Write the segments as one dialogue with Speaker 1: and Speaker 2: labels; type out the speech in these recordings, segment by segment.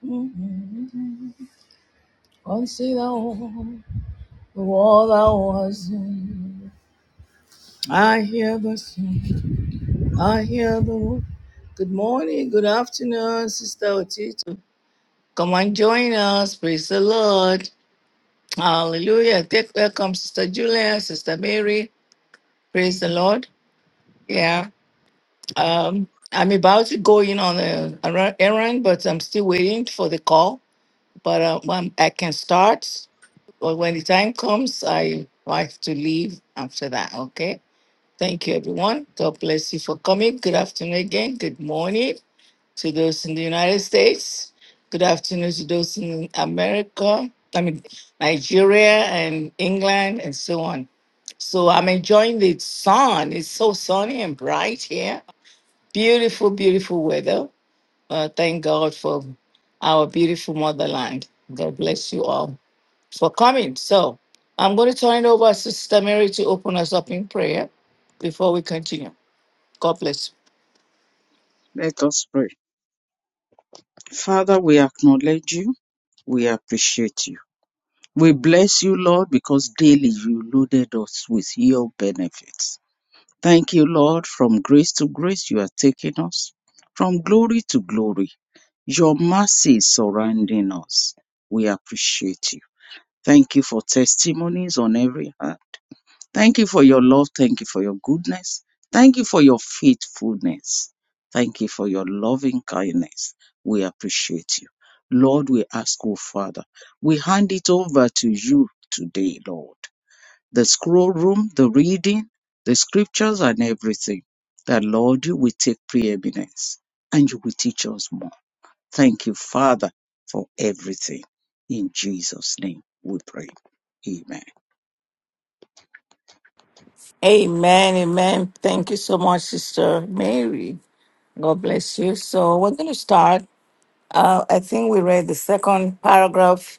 Speaker 1: Consider all thou hast done. I hear the song. I hear the wo- Good morning, good afternoon, Sister Otito. Come and join us. Praise the Lord. Hallelujah. Take welcome, Sister Julia, Sister Mary. Praise the Lord. Yeah. Um, I'm about to go in on a a errand, but I'm still waiting for the call. But uh, um, I can start. Well, when the time comes, I have to leave after that. Okay. Thank you, everyone. God bless you for coming. Good afternoon again. Good morning to those in the United States. Good afternoon to those in America, I mean, Nigeria and England and so on. So I'm enjoying the sun. It's so sunny and bright here. Beautiful, beautiful weather. Uh, thank God for our beautiful motherland. God bless you all for coming. So I'm going to turn it over to Sister Mary to open us up in prayer before we continue. God bless you.
Speaker 2: Let us pray. Father, we acknowledge you. We appreciate you. We bless you, Lord, because daily you loaded us with your benefits. Thank you, Lord. From grace to grace, you are taking us. From glory to glory, your mercy is surrounding us. We appreciate you. Thank you for testimonies on every hand. Thank you for your love. Thank you for your goodness. Thank you for your faithfulness. Thank you for your loving kindness. We appreciate you. Lord, we ask, oh Father, we hand it over to you today, Lord. The scroll room, the reading, the scriptures, and everything. That, Lord, you will take preeminence and you will teach us more. Thank you, Father, for everything. In Jesus' name we pray. Amen.
Speaker 1: Amen. Amen. Thank you so much, Sister Mary. God bless you. So we're going to start. Uh, I think we read the second paragraph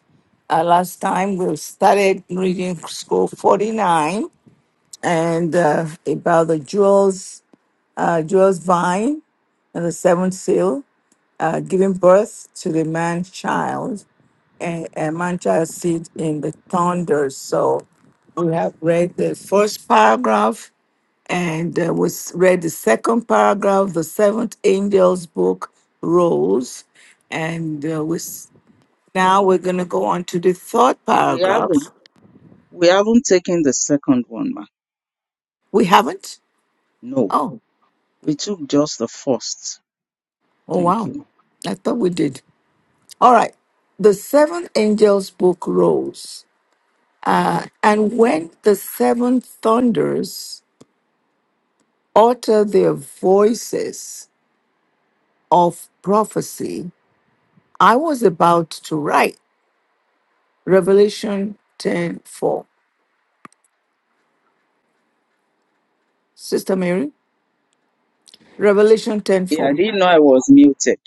Speaker 1: uh, last time. We started reading scroll 49 and uh, about the jewels, uh, jewels vine and the seventh seal, uh, giving birth to the man child and, and Mancha sit in the thunder. So we have read the first paragraph and uh, we s- read the second paragraph, the seventh angel's book rose. And uh, we, s- now we're going to go on to the third
Speaker 2: We have
Speaker 1: paragraph.
Speaker 2: We haven't taken the second one, ma.
Speaker 1: We haven't?
Speaker 2: No,
Speaker 1: Oh,
Speaker 2: we took just the first.
Speaker 1: oh,
Speaker 2: Thank
Speaker 1: wow.
Speaker 2: you.
Speaker 1: I thought we did. All right. The seven angels' book rose. Uh, and when the seven thunders utter their voices, of prophecy, I was about to write Revelation 10 4. Sister Mary, Revelation 10
Speaker 2: Yeah, I
Speaker 1: 4.
Speaker 2: didn't know I was muted.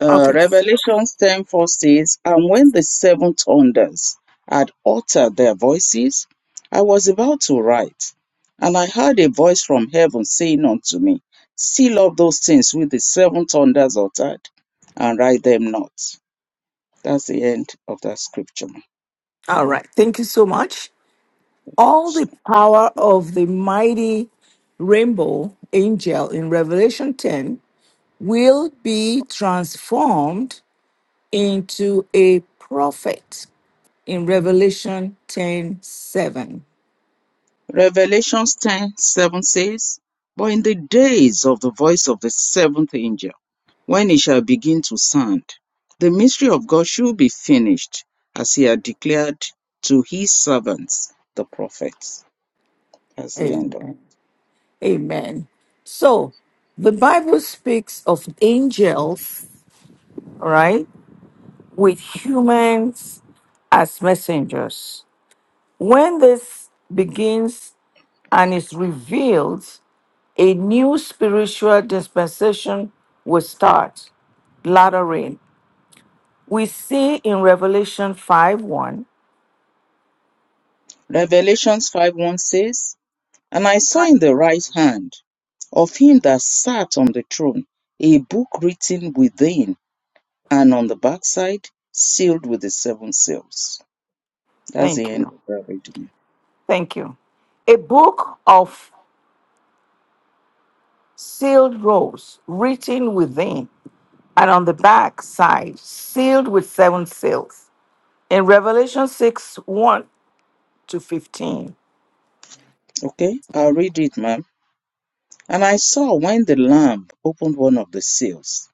Speaker 2: Uh,
Speaker 1: Okay.
Speaker 2: Revelations 10 four says, And when the seven thunders had uttered their voices, I was about to write, and I heard a voice from heaven saying unto me, Seal up those things with the seven thunders uttered, and write them not. That's the end of that scripture.
Speaker 1: All right. Thank you so much. All the power of the mighty rainbow angel in Revelation 10 will be transformed into a prophet in Revelation ten seven.
Speaker 2: Revelations 10 7 says, But in the days of the voice of the seventh angel, when he shall begin to sound, the mystery of God should be finished, as he had declared to his servants, the prophets. That's the end of
Speaker 1: Amen. Amen. So the Bible speaks of angels, right, with humans as messengers. When this begins and is revealed, a new spiritual dispensation will start. Latter rain. We see in Revelation 5 1.
Speaker 2: Revelations 5 1 says, And I saw in the right hand of him that sat on the throne a book written within and on the backside, sealed with the seven seals. That's the
Speaker 1: Thank
Speaker 2: end
Speaker 1: you.
Speaker 2: of that reading.
Speaker 1: Thank you. A book of sealed rolls written within and on the back side, sealed with seven seals. In Revelation 6 1 to 15.
Speaker 2: Okay, I'll read it, ma'am. And I saw when the Lamb opened one of the seals,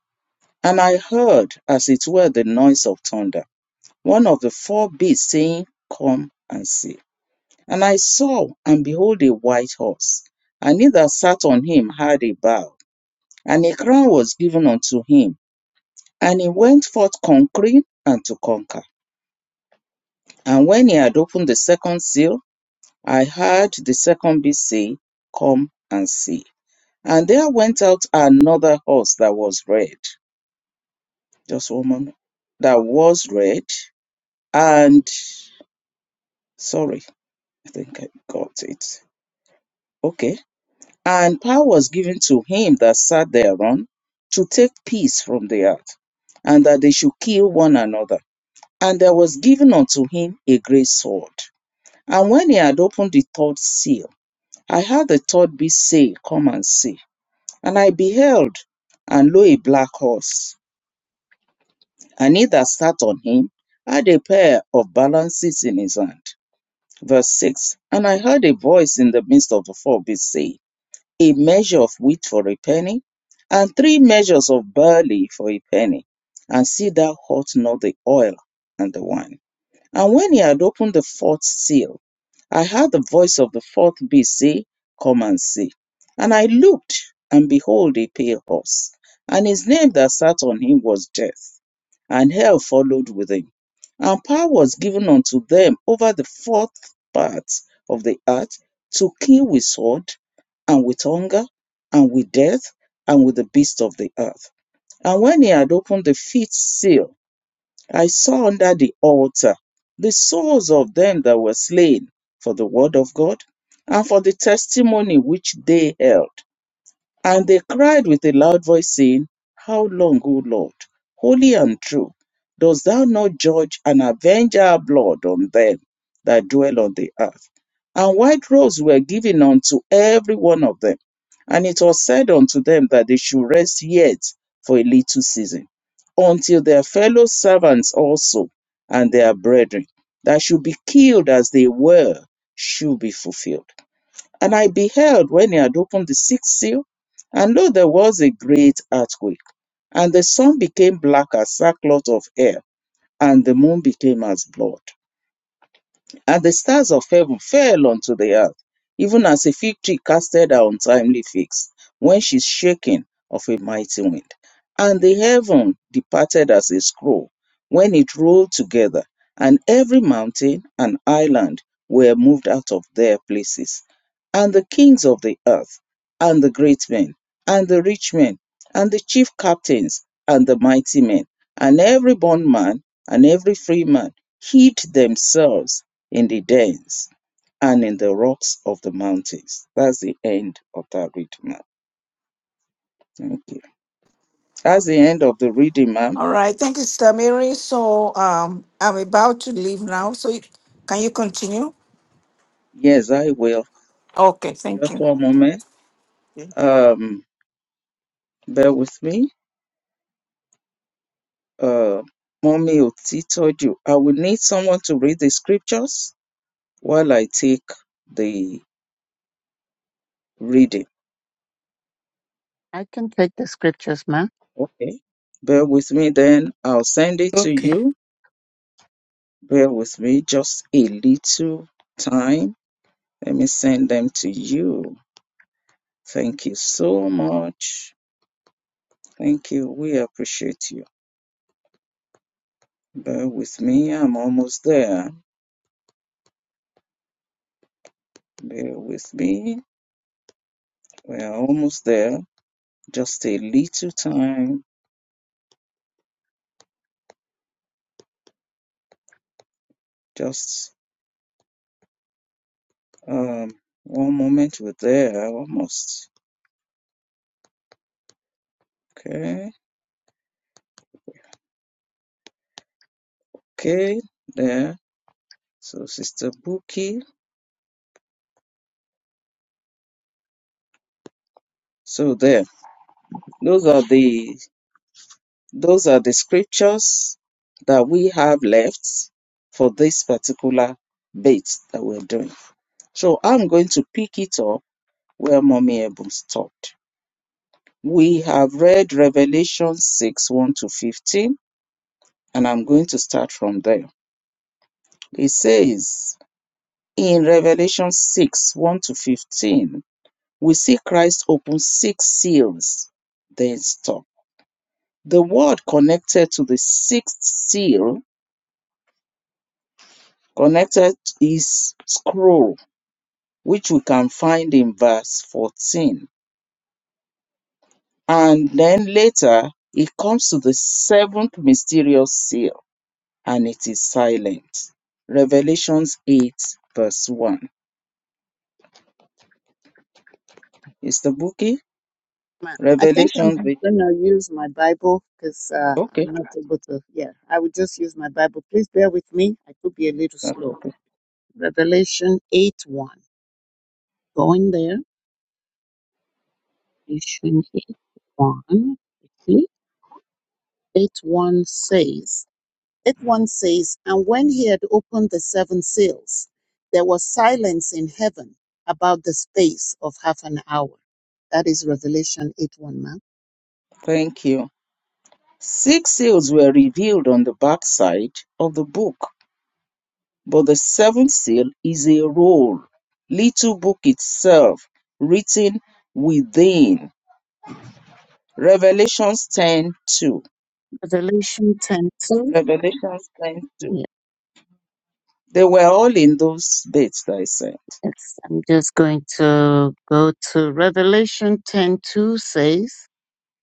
Speaker 2: and I heard, as it were, the noise of thunder, one of the four beasts saying, Come and see. And I saw, and behold, a white horse, and he that sat on him had a bow, and a crown was given unto him, and he went forth conquering and to conquer. And when he had opened the second seal, I heard the second beast say, Come and see. And there went out another horse that was red. Just one moment. That was red. And sorry, I think I got it. Okay. And power was given to him that sat thereon to take peace from the earth, and that they should kill one another. And there was given unto him a great sword. And when he had opened the third seal, I heard the third beast say, Come and see. And I beheld, and lo, a black horse and he that sat on him had a pair of balances in his hand. Verse 6 And I heard a voice in the midst of the four beasts say, A measure of wheat for a penny, and three measures of barley for a penny, and see thou hurt not the oil and the wine. And when he had opened the fourth seal, I heard the voice of the fourth beast say, Come and see. And I looked, and behold, a pale horse, and his name that sat on him was Death and hell followed with him. And power was given unto them over the fourth part of the earth to kill with sword, and with hunger, and with death, and with the beasts of the earth. And when he had opened the fifth seal, I saw under the altar the souls of them that were slain for the word of God and for the testimony which they held and they cried with a loud voice, saying, How long, O Lord, holy and true, dost thou not judge and avenge our blood on them that dwell on the earth? And white robes were given unto every one of them. And it was said unto them that they should rest yet for a little season, until their fellow servants also and their brethren that should be killed as they were should be fulfilled. And I beheld when he had opened the sixth seal, and lo, there was a great earthquake, and the sun became black as sackcloth of hair, and the moon became as blood and the stars of heaven fell unto the earth, even as a fig tree casted her untimely figs, when she is shaken of a mighty wind. And the heaven departed as a scroll, when it rolled together, and every mountain and island were moved out of their places. And the kings of the earth, and the great men, and the rich men, and the chief captains, and the mighty men, and every bondman, and every free man, hid themselves in the dens and in the rocks of the mountains. That's the end of that reading, ma'am. Thank you. That's the end of the reading, ma'am.
Speaker 1: All right, thank you, Sister Mary. So um, I'm about to leave now. So you- can you continue?
Speaker 2: Yes, I will.
Speaker 1: Okay, thank
Speaker 2: Just one
Speaker 1: you.
Speaker 2: moment. Um, bear with me. Uh, mommy Otitoju, I will need someone to read the scriptures while I take the reading.
Speaker 3: I can take the scriptures, ma'am.
Speaker 2: Okay. Bear with me then. I'll send it to
Speaker 4: Okay.
Speaker 2: you. Bear with me just a little time. Let me send them to you. Thank you so much. Thank you. We appreciate you. Bear with me. I'm almost there. Bear with me. We're almost there. Just a little time. Just um, one moment. We're there almost. Okay. Okay. There. So, Sister Buki. So, there. Those are the Those are the scriptures that we have left for this particular bit that we're doing. So I'm going to pick it up where Mommy Ebon stopped. We have read Revelation 6 1 to 15, and I'm going to start from there. It says in Revelation 6 1 to 15, we see Christ open six seals, then stop. The word connected to the sixth seal connected is scroll, which we can find in verse 14. And then later, it comes to the seventh mysterious seal, and it is silent. Revelations 8, verse 1. Is the bookie?
Speaker 3: Ma- I think
Speaker 2: Revelations
Speaker 3: I'm
Speaker 2: 8.
Speaker 3: gonna use my Bible because uh,
Speaker 2: Okay,
Speaker 3: I'm not able to. Yeah, I would just use my Bible. Please bear with me. I could be a little
Speaker 2: that's
Speaker 3: slow.
Speaker 2: okay.
Speaker 3: Revelation 8 1. Going there. Revelation 8 1. Please. 8 1 says, 8 1 says, And when he had opened the seven seals, there was silence in heaven about the space of half an hour. That is Revelation 8 1, ma'am.
Speaker 2: Thank you. Six seals were revealed on the backside of the book, but the seventh seal is a roll, little book itself, written within Revelations 10 2.
Speaker 3: Revelation ten two.
Speaker 2: Revelations 10
Speaker 3: 2.
Speaker 2: 2. They were all in those dates that I said.
Speaker 3: Yes, I'm just going to go to Revelation 10 2 says,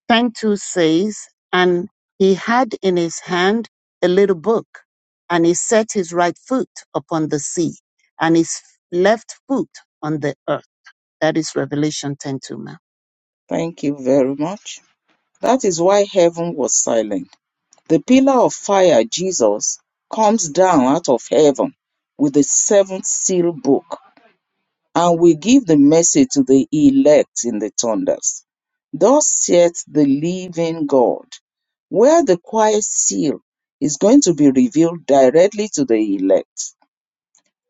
Speaker 3: 10 2 says, and he had in his hand a little book, and he set his right foot upon the sea, and his left foot on the earth. That is Revelation ten two 2, ma'am.
Speaker 2: Thank you very much. That is why heaven was silent. The pillar of fire, Jesus, comes down out of heaven with the seventh seal book and will give the message to the elect in the thunders. Thus saith the living God, where the quiet seal is going to be revealed directly to the elect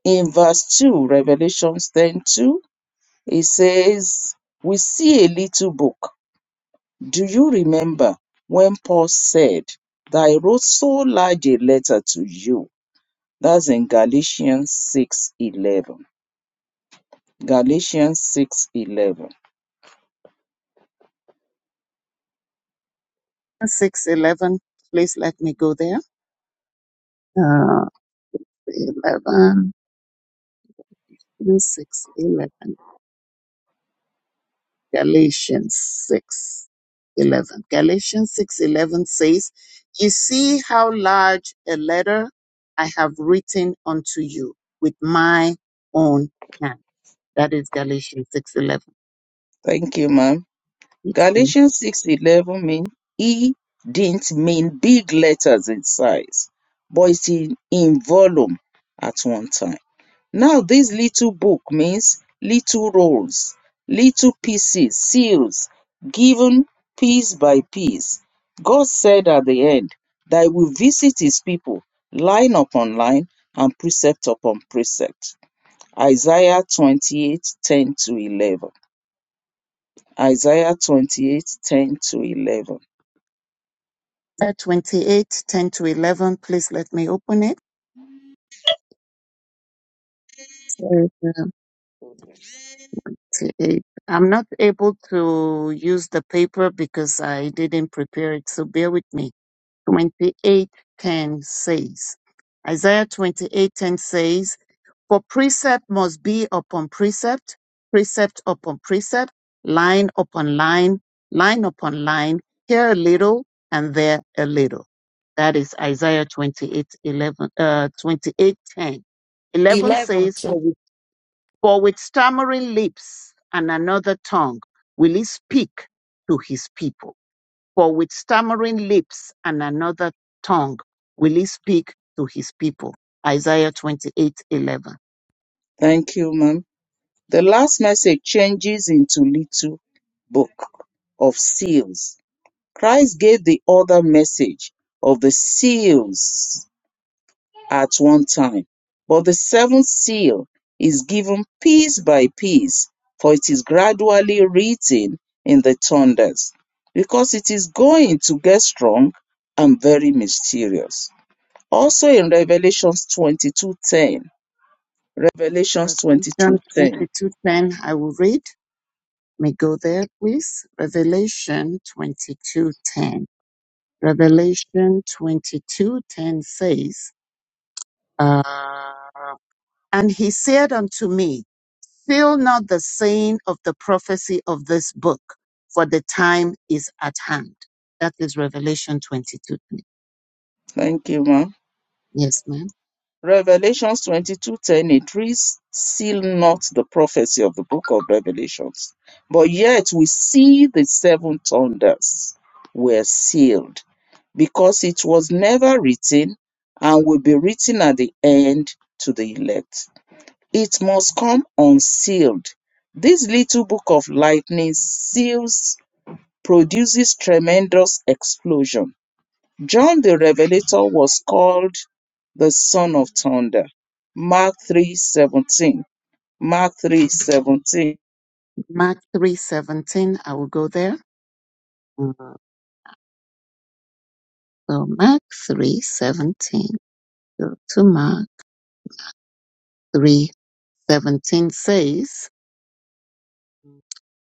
Speaker 2: in verse 2, Revelation ten two, 2, it says, We see a little book. Do you remember when Paul said that I wrote so large a letter to you? That's in Galatians 6 11. Galatians 6 11.
Speaker 3: 6 eleven, please let me go there. Uh, 11, six eleven. Galatians 6:11. Galatians 6:11 says, You see how large a letter I have written unto you with my own hand. That is Galatians 6:11. 11.
Speaker 2: Thank you, ma'am.
Speaker 3: Yes, ma'am.
Speaker 2: Galatians 6 11 mean he didn't mean big letters in size, but it's in, in volume at one time. Now this little book means little rolls, little pieces, seals, given piece by piece. God said at the end that he will visit his people line upon line and precept upon precept. Isaiah 28 10 to 11. Isaiah 28 10 to 11.
Speaker 3: to 11. Please let me open it. 28. I'm not able to use the paper because I didn't prepare it, so bear with me. 28:10 says. Isaiah 28:10 says, "For precept must be upon precept, precept upon precept, line upon line, line upon line, here a little and there a little." That is Isaiah 28:11 uh 28:10. 11
Speaker 4: 11
Speaker 3: says,
Speaker 4: too.
Speaker 3: "For with, for with stammering lips and another tongue will he speak to his people." For with stammering lips and another tongue will he speak to his people. Isaiah twenty eight eleven.
Speaker 2: Thank you, ma'am. The last message changes into little book of seals Christ gave the other message of the seals at one time, but the seventh seal is given piece by piece, for it is gradually written in the thunders, because it is going to get strong and very mysterious. Also in Revelations 22:10, Revelations
Speaker 3: Revelation
Speaker 2: 22:10.
Speaker 3: twenty two ten. I will read. May go there, please. Revelation 22 10. Revelation 22 10 says, uh, And he said unto me, Fill not the saying of the prophecy of this book, for the time is at hand. That is Revelation 22.
Speaker 2: Thank you, ma'am.
Speaker 3: Yes, ma'am.
Speaker 2: Revelations 22:10 it reads seal not the prophecy of the book of Revelations but yet we see the seven thunders were sealed because it was never written and will be written at the end to the elect it must come unsealed this little book of lightning seals produces tremendous explosion John the Revelator was called the son of thunder. Mark 3:17. Mark 3:17.
Speaker 3: Mark 3.17, I will go there. Uh, So Mark 3.17, go to Mark 3.17 says,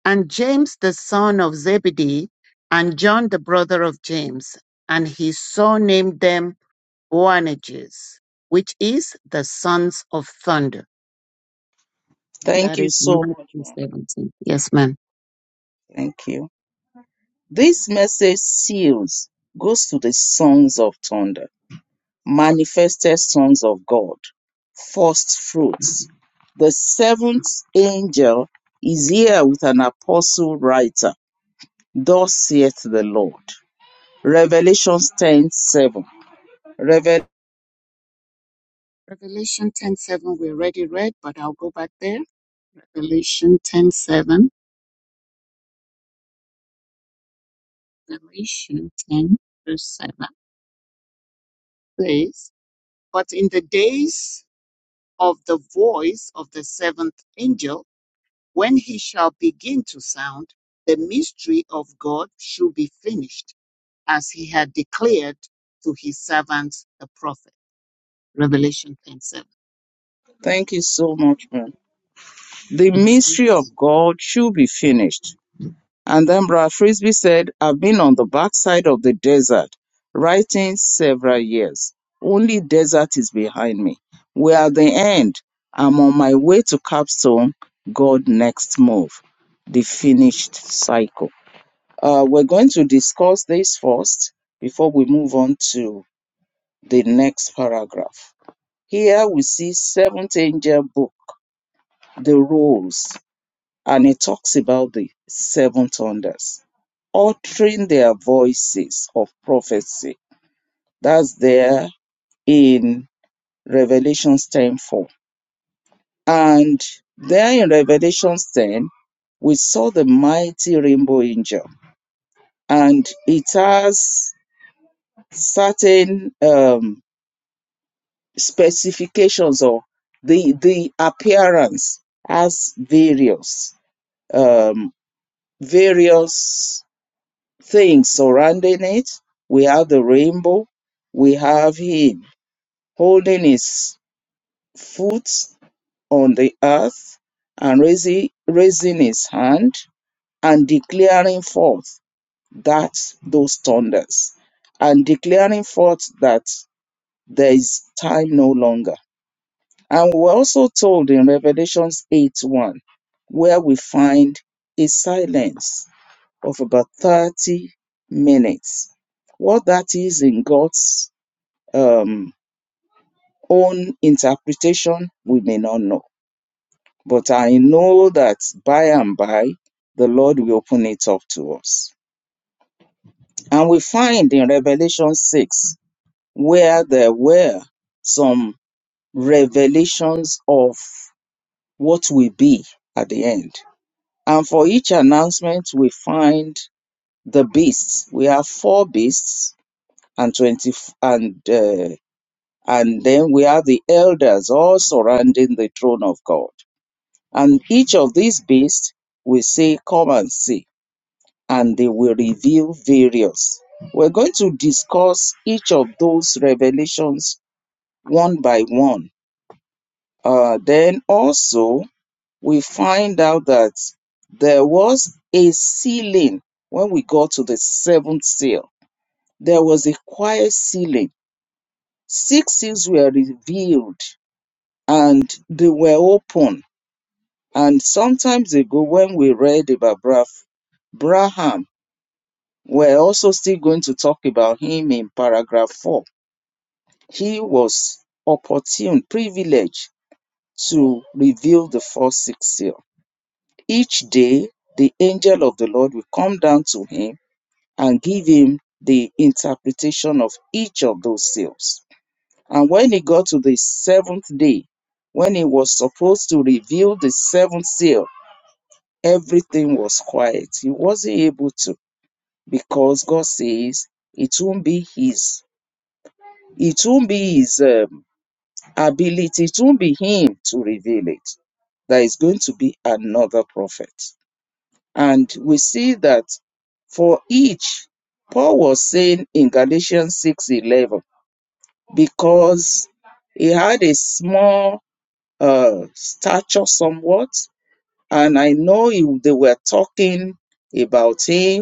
Speaker 3: And James the son of Zebedee, and John the brother of James, and he so named them Boanerges, which is the sons of thunder
Speaker 2: Thank
Speaker 3: That
Speaker 2: you
Speaker 3: is
Speaker 2: so much,
Speaker 3: Matthew
Speaker 2: ma'am.
Speaker 3: 17. Yes, ma'am.
Speaker 2: Thank you. This message seals goes to the sons of thunder, manifested sons of God, first fruits. The seventh angel is here with an apostle writer. Thus saith the Lord. Revelations 10:7.
Speaker 3: Revelation 10:7 we already read, but I'll go back there. Revelation 10:7. Revelation 10 verse 7 says, "But in the days of the voice of the seventh angel, when he shall begin to sound, the mystery of God should be finished, as he had declared to his servants the prophet." Revelation 10:7.
Speaker 2: Thank you so much, man. The
Speaker 3: Yes, ma'am.
Speaker 2: mystery of God should be finished. And then Brad Frisbee said, I've been on the backside of the desert writing several years. Only desert is behind me. We're at the end. I'm on my way to capstone. God next move. The finished cycle. Uh, we're going to discuss this first before we move on to the next paragraph. Here we see seventh angel book the roles. and it talks about the seven thunders uttering their voices of prophecy that's there in revelations 10 4 and there in revelations 10 we saw the mighty rainbow angel and it has certain um, specifications or the the appearance has various um, various things surrounding it. We have the rainbow. We have him holding his foot on the earth and raising, raising his hand and declaring forth that those thunders and declaring forth that there is time no longer. And we're also told in Revelations 8 1, where we find a silence of about 30 minutes. What that is in God's um, own interpretation, we may not know. But I know that by and by, the Lord will open it up to us. And we find in Revelation 6, where there were some revelations of what will be at the end. And for each announcement, we find the beasts. We have four beasts and 20 and uh, and then we have the elders all surrounding the throne of god and each of these beasts will say come and see and they will reveal various we're going to discuss each of those revelations one by one uh, then also we find out that there was a sealing when we got to the seventh seal there was a quiet sealing six seals were revealed and they were open. And sometimes ago, when we read about Braf, Braham, we're also still going to talk about him in paragraph four. He was opportune, privileged to reveal the first six seal. Each day, the angel of the Lord will come down to him and give him the interpretation of each of those seals. And when he got to the seventh day, when he was supposed to reveal the seventh seal, everything was quiet. He wasn't able to because God says it won't be his, it won't be his um, ability, it won't be him to reveal it. There is going to be another prophet. And we see that for each, Paul was saying in Galatians six eleven because he had a small uh, stature somewhat, and I know he- they were talking about him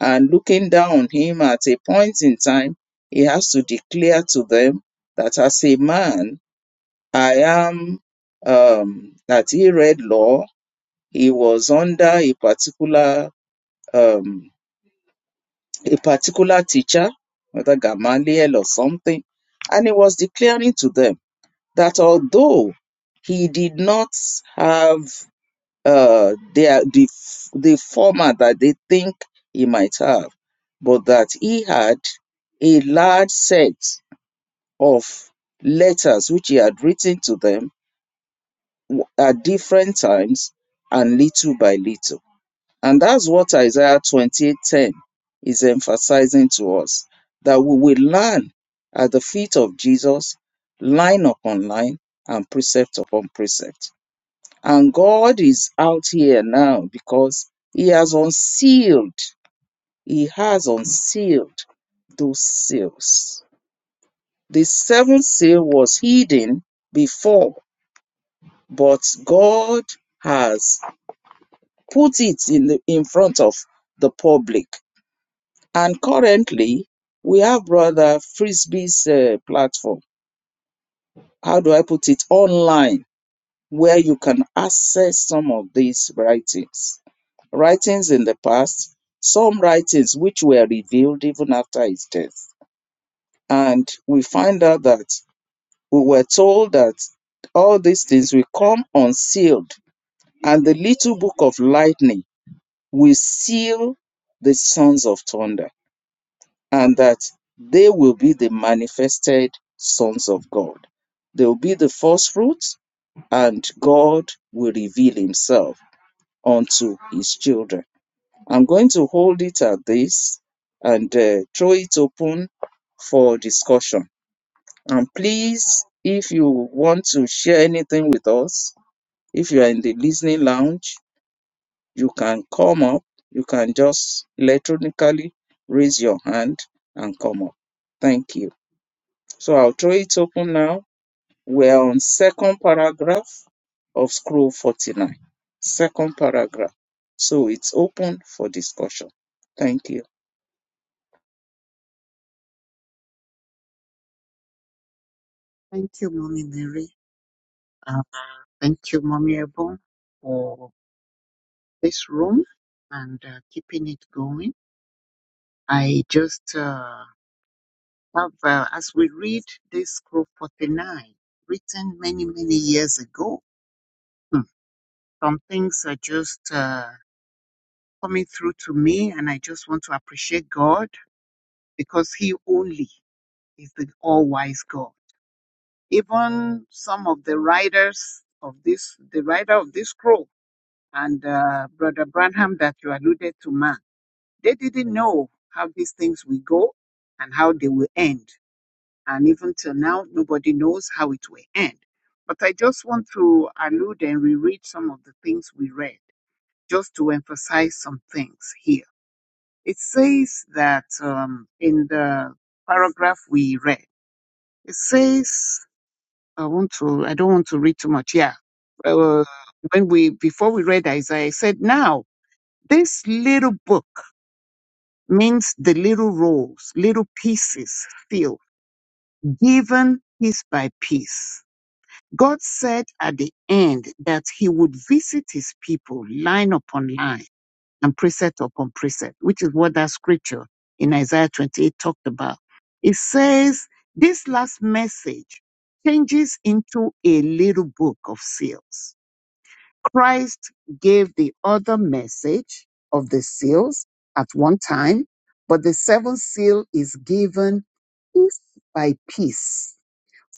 Speaker 2: and looking down on him at a point in time, he has to declare to them that as a man, I am, um, that he read law, he was under a particular, um, a particular teacher, whether Gamaliel or something, and he was declaring to them that although he did not have uh they are the f- the format that they think he might have but that he had a large set of letters which he had written to them w- at different times and little by little and that's what isaiah 28:10 is emphasizing to us that we will learn at the feet of jesus line upon line and precept upon precept and God is out here now because He has unsealed, He has unsealed those seals. The seventh seal was hidden before, but God has put it in the, in front of the public. And currently, we have Brother Frisbee's uh, platform. How do I put it? Online, where you can access some of these writings. writings in the past, some writings which were revealed even after his death. And we find out that we were told that all these things will come unsealed, and the little book of lightning will seal the sons of thunder, and that they will be the manifested sons of God. They will be the first fruits, and God will reveal himself unto his children. I'm going to hold it at this and uh, throw it open for discussion. And please, if you want to share anything with us, if you are in the listening lounge, you can come up. You can just electronically raise your hand and come up. Thank you. So I'll throw it open now. We're on second paragraph of scroll 49. Second paragraph. So it's open for discussion. Thank you.
Speaker 3: Thank you, Mommy Mary. Thank you, Mommy Ebon, for this room and uh, keeping it going. I just uh, have, uh, as we read this scroll 49, written many, many years ago, hmm, some things are just uh, coming through to me, and I just want to appreciate God because He only is the all wise God. Even some of the writers of this, the writer of this scroll, and uh, Brother Branham that you alluded to, man. They didn't know how these things will go and how they will end. And even till now, nobody knows how it will end. But I just want to allude and reread some of the things we read, just to emphasize some things here. It says that um, in the paragraph we read, it says, I want to, I don't want to read too much. Yeah. Uh, when we, before we read Isaiah, it said, now this little book means the little rolls, little pieces filled, given piece by piece. God said at the end that he would visit his people line upon line and precept upon precept, which is what that scripture in Isaiah 28 talked about. It says this last message changes into a little book of seals. Christ gave the other message of the seals at one time, but the seventh seal is given piece by piece,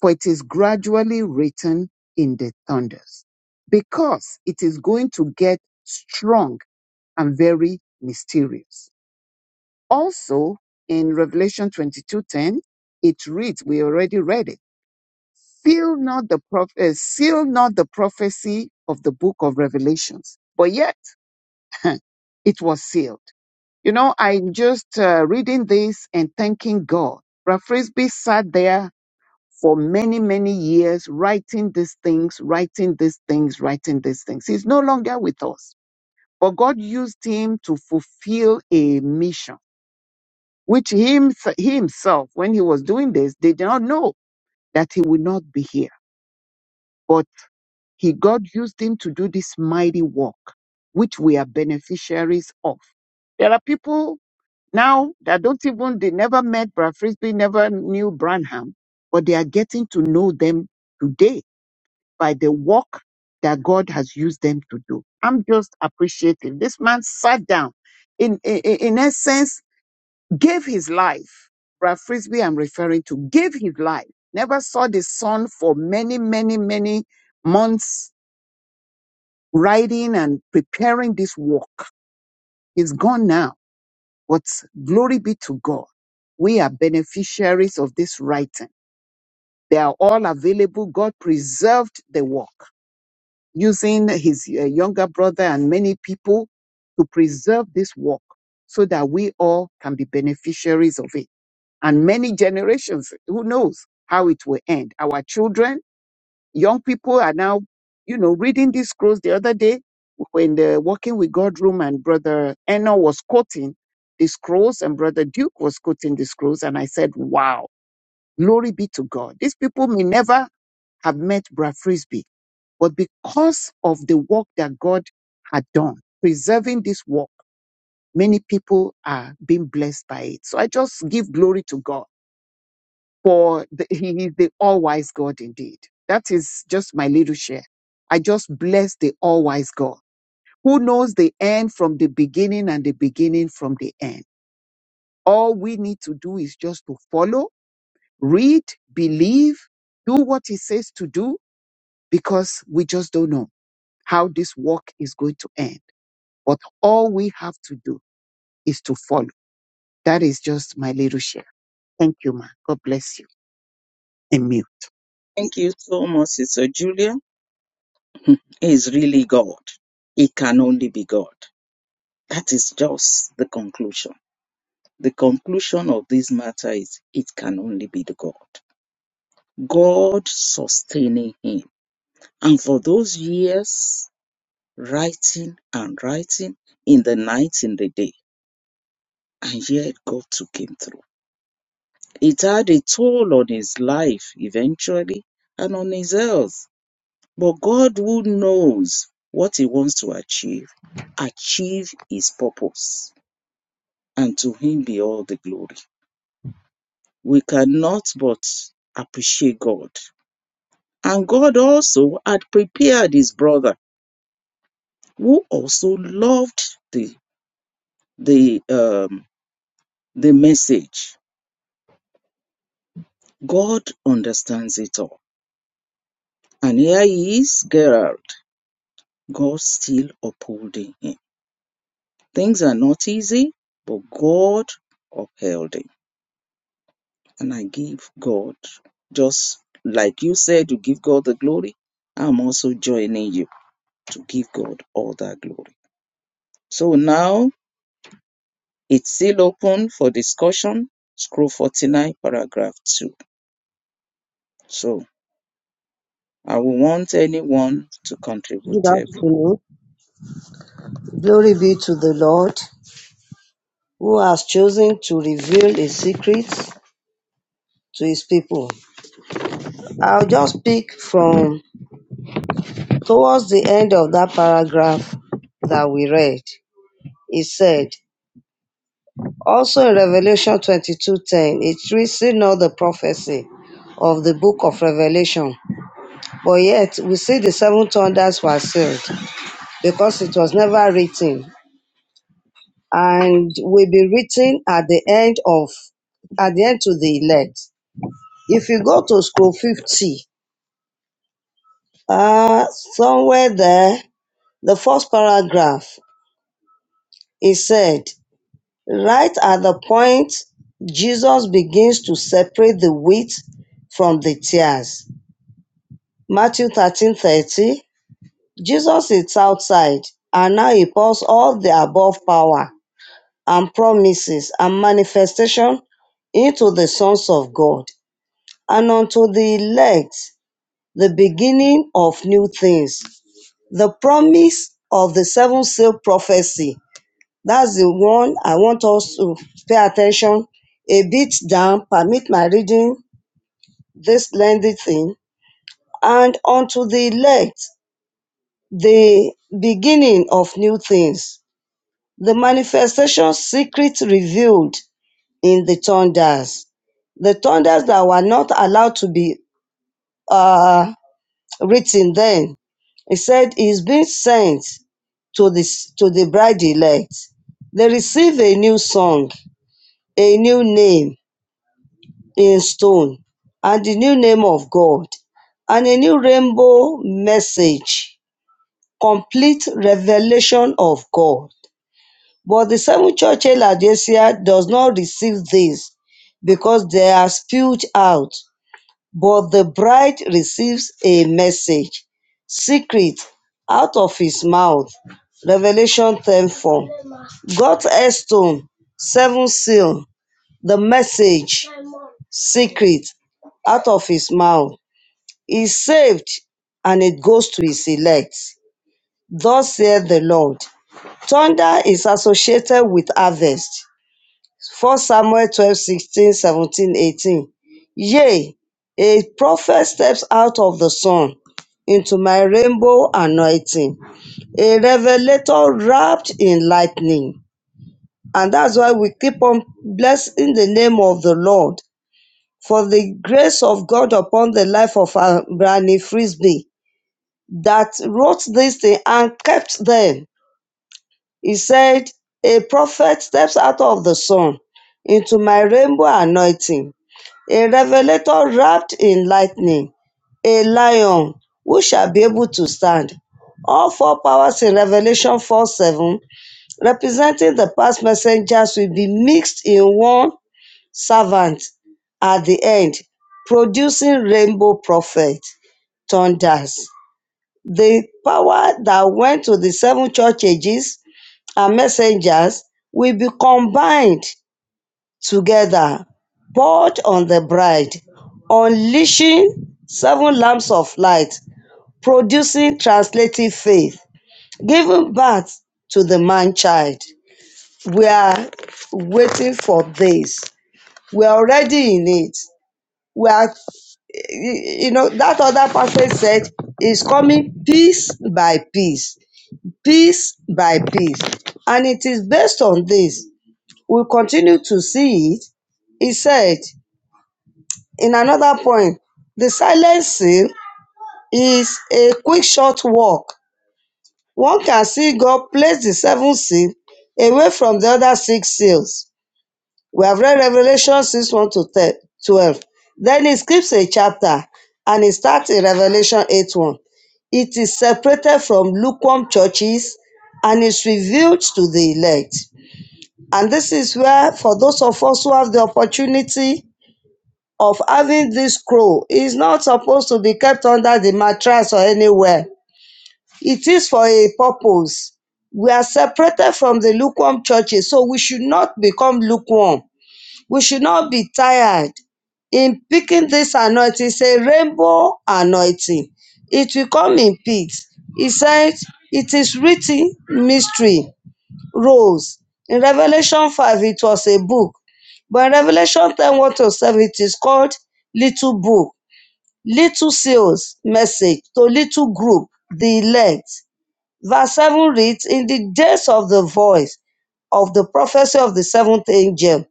Speaker 3: for it is gradually written in the thunders, because it is going to get strong and very mysterious. Also, in Revelation 22:10, it reads, we already read it, seal not the proph- uh, seal not the prophecy of the book of Revelations. But yet it was sealed. You know, I'm just uh, reading this and thanking God. Ralph Frisbee sat there for many, many years writing these things, writing these things, writing these things. He's no longer with us, but God used him to fulfill a mission, which him, he himself, when he was doing this, did not know that he would not be here. But he, God used him to do this mighty work, which we are beneficiaries of. There are people Now they don't even they never met Brad Frisbee, never knew Branham, but they are getting to know them today by the work that God has used them to do. I'm just appreciative. This man sat down, in in, in essence, gave his life. Brad Frisbee, I'm referring to, gave his life. Never saw the sun for many, many, many months, writing and preparing this work. He's gone now But glory be to God. We are beneficiaries of this writing. They are all available. God preserved the work using his uh, younger brother and many people to preserve this work so that we all can be beneficiaries of it. And many generations, who knows how it will end? Our children, young people are now, you know, reading these scrolls. The other day, when the Walking with God room and Brother Eno was quoting the scrolls and Brother Duke was quoting the scrolls, and I said, wow, glory be to God. These people may never have met Brad Frisbee, but because of the work that God had done, preserving this work, many people are being blessed by it. So I just give glory to God for the, he is the all-wise God indeed. That is just my little share. I just bless the all-wise God who knows the end from the beginning and the beginning from the end. All we need to do is just to follow, read, believe, do what he says to do because we just don't know how this walk is going to end. But all we have to do is to follow. That is just my little share. Thank you, ma. God bless you. And you.
Speaker 2: Thank you so much, Sister Julia. He is really God. He can only be God. That is just the conclusion. The conclusion of this matter is it can only be the God. God sustaining him. And for those years, writing and writing in the night, in the day, and yet God took him through. It had a toll on his life eventually and on his health But God, who knows what He wants to achieve, achieve His purpose, and to Him be all the glory. We cannot but appreciate God. And God also had prepared His brother, who also loved the the um, the message. God understands it all, and here he is, Gerald. God still upholding him. Things are not easy, but God upheld him. and I give God, just like you said, to give God the glory, I'm also joining you to give God all that glory. So now it's still open for discussion. Scroll 49, paragraph 2. So I will want anyone to
Speaker 5: Good
Speaker 2: contribute. Every.
Speaker 5: afternoon. Glory be to the Lord who has chosen to reveal his secrets to his people. I'll just pick from towards the end of that paragraph that we read. It said, also in Revelation 22:10, it reads, "See not the prophecy of the book of Revelation, but yet we see the seven thunders were sealed because it was never written and will be written at the end of at the end to the elect. If you go to scroll 50, uh, somewhere there, the first paragraph, it said, right at the point Jesus begins to separate the wheat from the tares. Matthew 13 30. Jesus is outside, and now he pours all the above power and promises and manifestation into the sons of God. and unto the elect the beginning of new things. The promise of the seven seal prophecy. That's the one I want us to pay attention a bit down. Permit my reading this lengthy thing. And unto the elect the beginning of new things. The manifestation secret revealed in the thunders. The thunders that were not allowed to be uh, written then. He said he's been sent to the, to the bride elect. They receive a new song, a new name in stone, and the new name of God, and a new rainbow message, complete revelation of God. But the seven church in Laodicea does not receive this because they are spewed out But the bride receives a message, secret, out of his mouth. Revelation 10 4. God's stone, seven seal, the message, secret, out of his mouth. Is saved and it goes to his elect. Thus saith the Lord. Thunder is associated with harvest. 1 Samuel 12 16 17 18, Yea, a prophet steps out of the sun into my rainbow anointing, a revelator wrapped in lightning. And that's why we keep on blessing the name of the Lord for the grace of God upon the life of our Granny Frisbee that wrote this thing and kept them. He said, A prophet steps out of the sun into my rainbow anointing, a revelator wrapped in lightning, a lion who shall be able to stand. All four powers in Revelation 4 7, representing the past messengers, will be mixed in one servant at the end, producing rainbow prophet thunders. The power that went to the seven church ages and messengers will be combined together poured on the bride, unleashing seven lamps of light, producing translative faith, giving birth to the man child. We are waiting for this. We are already in it. We are, you know, that other prophet said, is coming piece by piece, piece by piece. And it is based on this. We continue to see it. He said, In another point, the silent seal is a quick short walk. One can see God place the seventh seal away from the other six seals. We have read Revelation 6 1 to 12. Then he skips a chapter and he starts in Revelation 8 1. It is separated from lukewarm churches and is revealed to the elect. And this is where, for those of us who have the opportunity of having this scroll is not supposed to be kept under the mattress or anywhere. It is for a purpose. We are separated from the lukewarm churches, so we should not become lukewarm. We should not be tired in picking this anointing. It's a rainbow anointing. It will come in peace. He said, It is written mystery roles. In Revelation 5, it was a book. But in Revelation 10, 1 to 7, it is called Little Book. Little seals, message to little group, the elect. Verse 7 reads In the days of the voice of the prophecy of the seventh angel,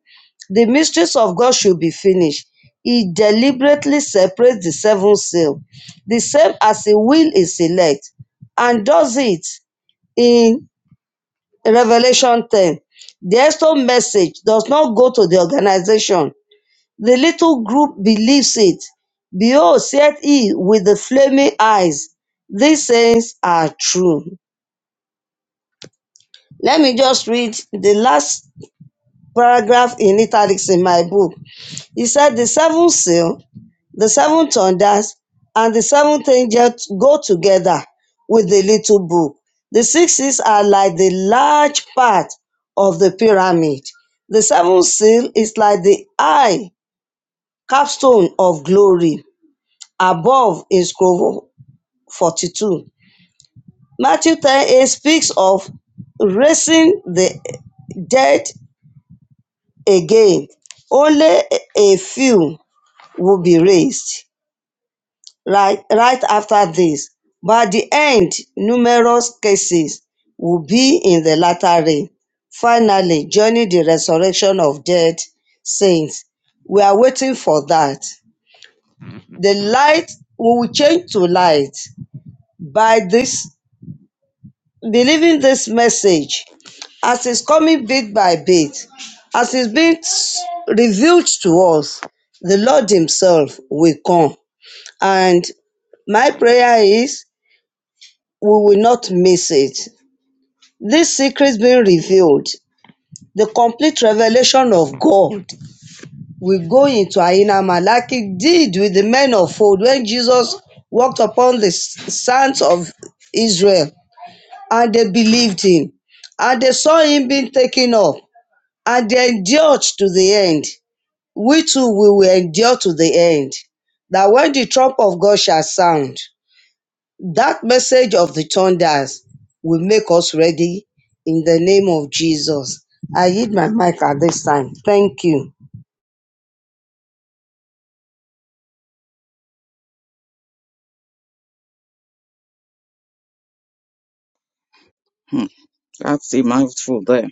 Speaker 5: the mysteries of God should be finished. He deliberately separates the seven seal, the same as he will is elect, and does it in Revelation 10. The Exto message does not go to the organization. The little group believes it. Behold, saith he with the flaming eyes, these things are true. Let me just read the last paragraph in italics in my book. He said, The seventh seal The seven thunders and the seventh angel go together with the little book. The sixes are like the large part of the pyramid. The seventh seal is like the eye capstone of glory. Above in scroll 42. Matthew 10 eight speaks of raising the dead again. Only a few will be raised. right, right after this. By the end, numerous cases will be in the latter rain. Finally, joining the resurrection of dead saints. We are waiting for that. The light we will change to light by this believing this message as it's coming bit by bit, as it's being s- revealed to us, the Lord Himself will come. And my prayer is we will not miss it. This secret being revealed, the complete revelation of God will go into our inner man, like it did with the men of old when Jesus walked upon the sands of Israel and they believed him and they saw him being taken up and they endured to the end. We too we will endure to the end. That when the trump of God shall sound, That message of the thunders will make us ready in the name of Jesus. I hit my mic at this time. Thank you.
Speaker 2: Hmm, that's a mouthful there.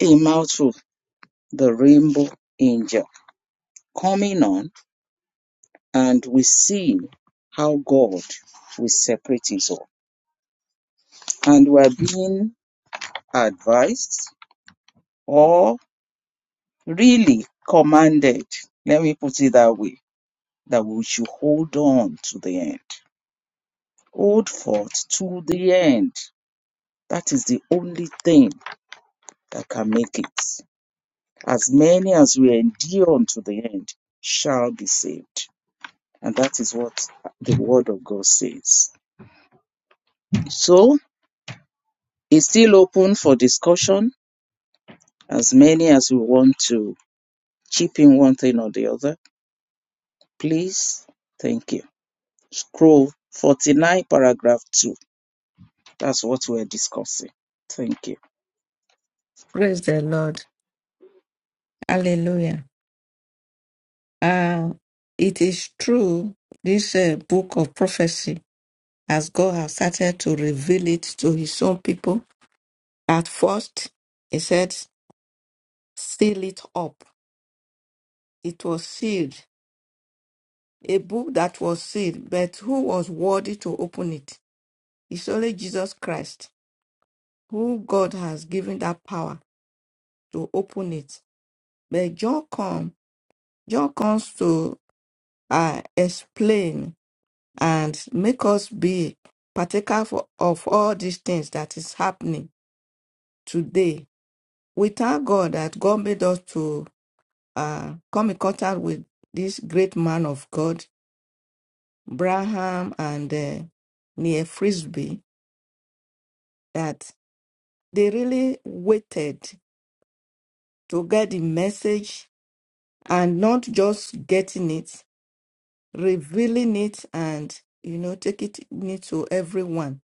Speaker 2: A mouthful, the rainbow angel. Coming on, and we see how God will separate his own. And we are being advised or really commanded, let me put it that way, that we should hold on to the end. Hold forth to the end. That is the only thing that can make it. As many as we endure unto the end shall be saved. And that is what the word of God says. So it's still open for discussion. As many as we want to chip in one thing or the other, please. Thank you. Scroll 49, paragraph 2. That's what we're discussing. Thank you.
Speaker 4: Praise the Lord. Hallelujah. Uh, it is true, this uh, book of prophecy, as God has started to reveal it to his own people, at first, he said, seal it up. It was sealed, a book that was sealed, but who was worthy to open it? It's only Jesus Christ, who God has given that power to open it. But John comes, John comes to uh, explain and make us be partaker for, of all these things that is happening today. We thank God that God made us to uh, come in contact with this great man of God, Braham and uh, Near Frisbee, that they really waited to get the message and not just getting it, revealing it, and you know, taking it to everyone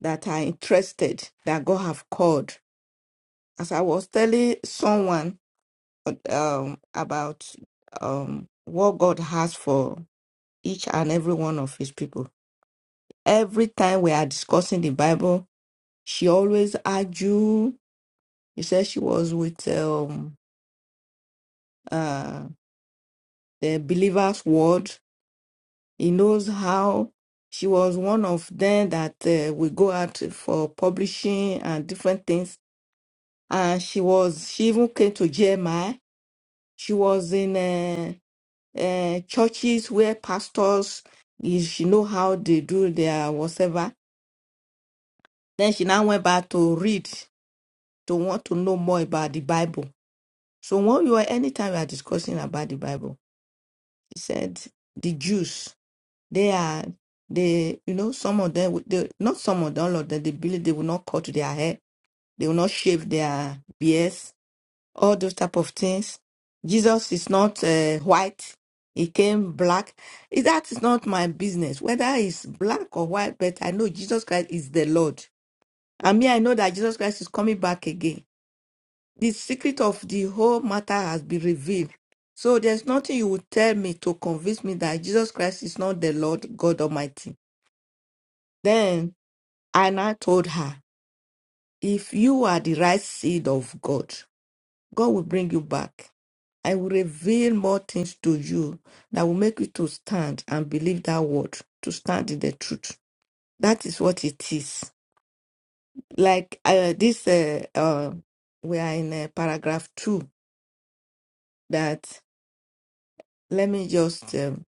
Speaker 4: that are interested that God have called as I was telling someone um, about um, what God has for each and every one of His people. Every time we are discussing the Bible, she always argue. He said she was with um, uh, the Believer's Word. He knows how she was one of them that uh, we go out for publishing and different things. And she was she even came to GMI. She was in. uh, uh, churches where pastors is she know how they do their whatever. Then she now went back to read to want to know more about the Bible. So when you are anytime you are discussing about the Bible, she said the Jews they are they you know some of them would- they, not some of them all of them they believe they will not cut their hair they will not shave their beards all those type of things. Jesus is not uh, white; he came black. Eh, That is not my business, whether he's black or white. But I know Jesus Christ is the Lord. I mean, I know that Jesus Christ is coming back again. The secret of the whole matter has been revealed. So there's nothing you would tell me to convince me that Jesus Christ is not the Lord God Almighty. Then Anna told her, "If you are the right seed of God, God will bring you back." I will reveal more things to you that will make you to stand and believe that word, to stand in the truth. That is what it is. Like uh, this, uh, uh, we are in uh, paragraph two. That let me just. Um,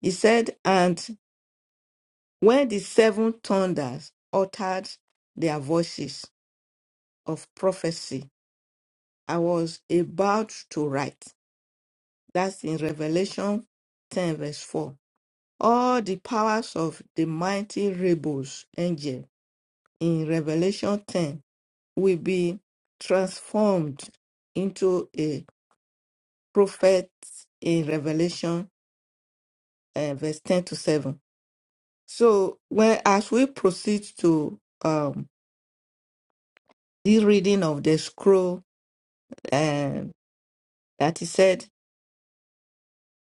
Speaker 4: he said, and when the seven thunders uttered their voices of prophecy, I was about to write. That's in Revelation ten verse four. all the powers of the mighty rebels angel in Revelation 10 will be transformed into a prophet in Revelation uh, verse 10 to 7. So when as we proceed to um, the reading of the scroll um, that is said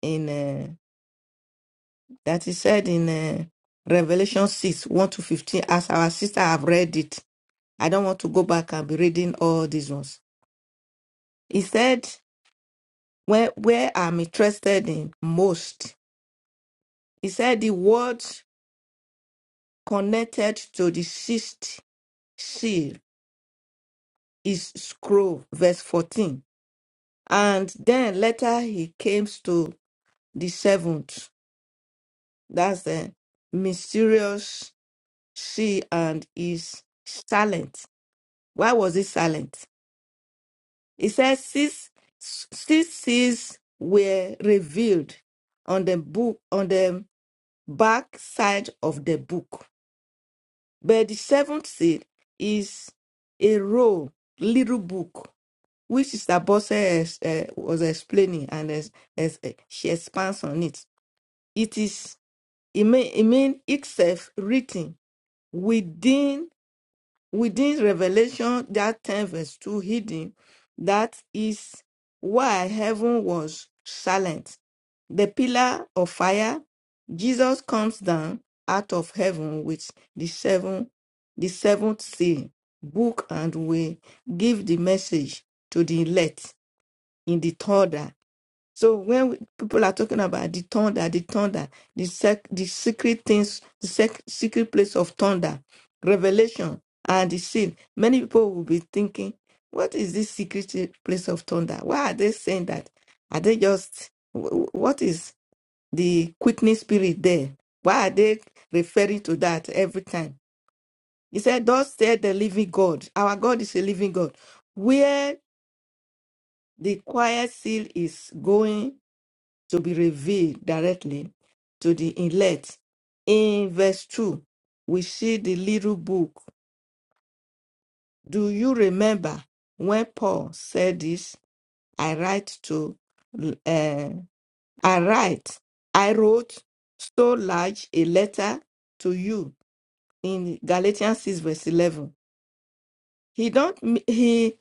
Speaker 4: in uh, that is said in uh, Revelation 6 1 to 15, as our sister have read it, I don't want to go back and be reading all these ones. He said, where, where I'm interested in most. He said the word connected to the sixth seal is scroll, verse 14. And then later he came to the seventh. That's the mysterious seal and is silent. Why was it silent? He says, six, six seals were revealed on the book on the back side of the book But the seventh seal is a roll, little book, which Sister Bosse is, uh, was explaining, and as, as, uh, she expands on it. It is, it mean, it mean itself written within within Revelation that 10 verse 2 hidden. That is why heaven was silent the pillar of fire, Jesus comes down out of heaven with the seven, the seventh seal, book, and we give the message to the elect in the thunder. So when we, people are talking about the thunder, the thunder, the sec, the secret things, the sec, secret place of thunder, revelation, and the seal, many people will be thinking, what is this secret place of thunder? Why are they saying that? Are they just wh- wh- what is? the quickening spirit there. Why are they referring to that every time? He said, Thus said the living God. Our God is a living God. Where the quiet seal is going to be revealed directly to the inlet. In verse 2, we see the little book. Do you remember when Paul said this? I write to, uh, I write, I wrote so large a letter to you in Galatians 6 verse 11. He don't m- he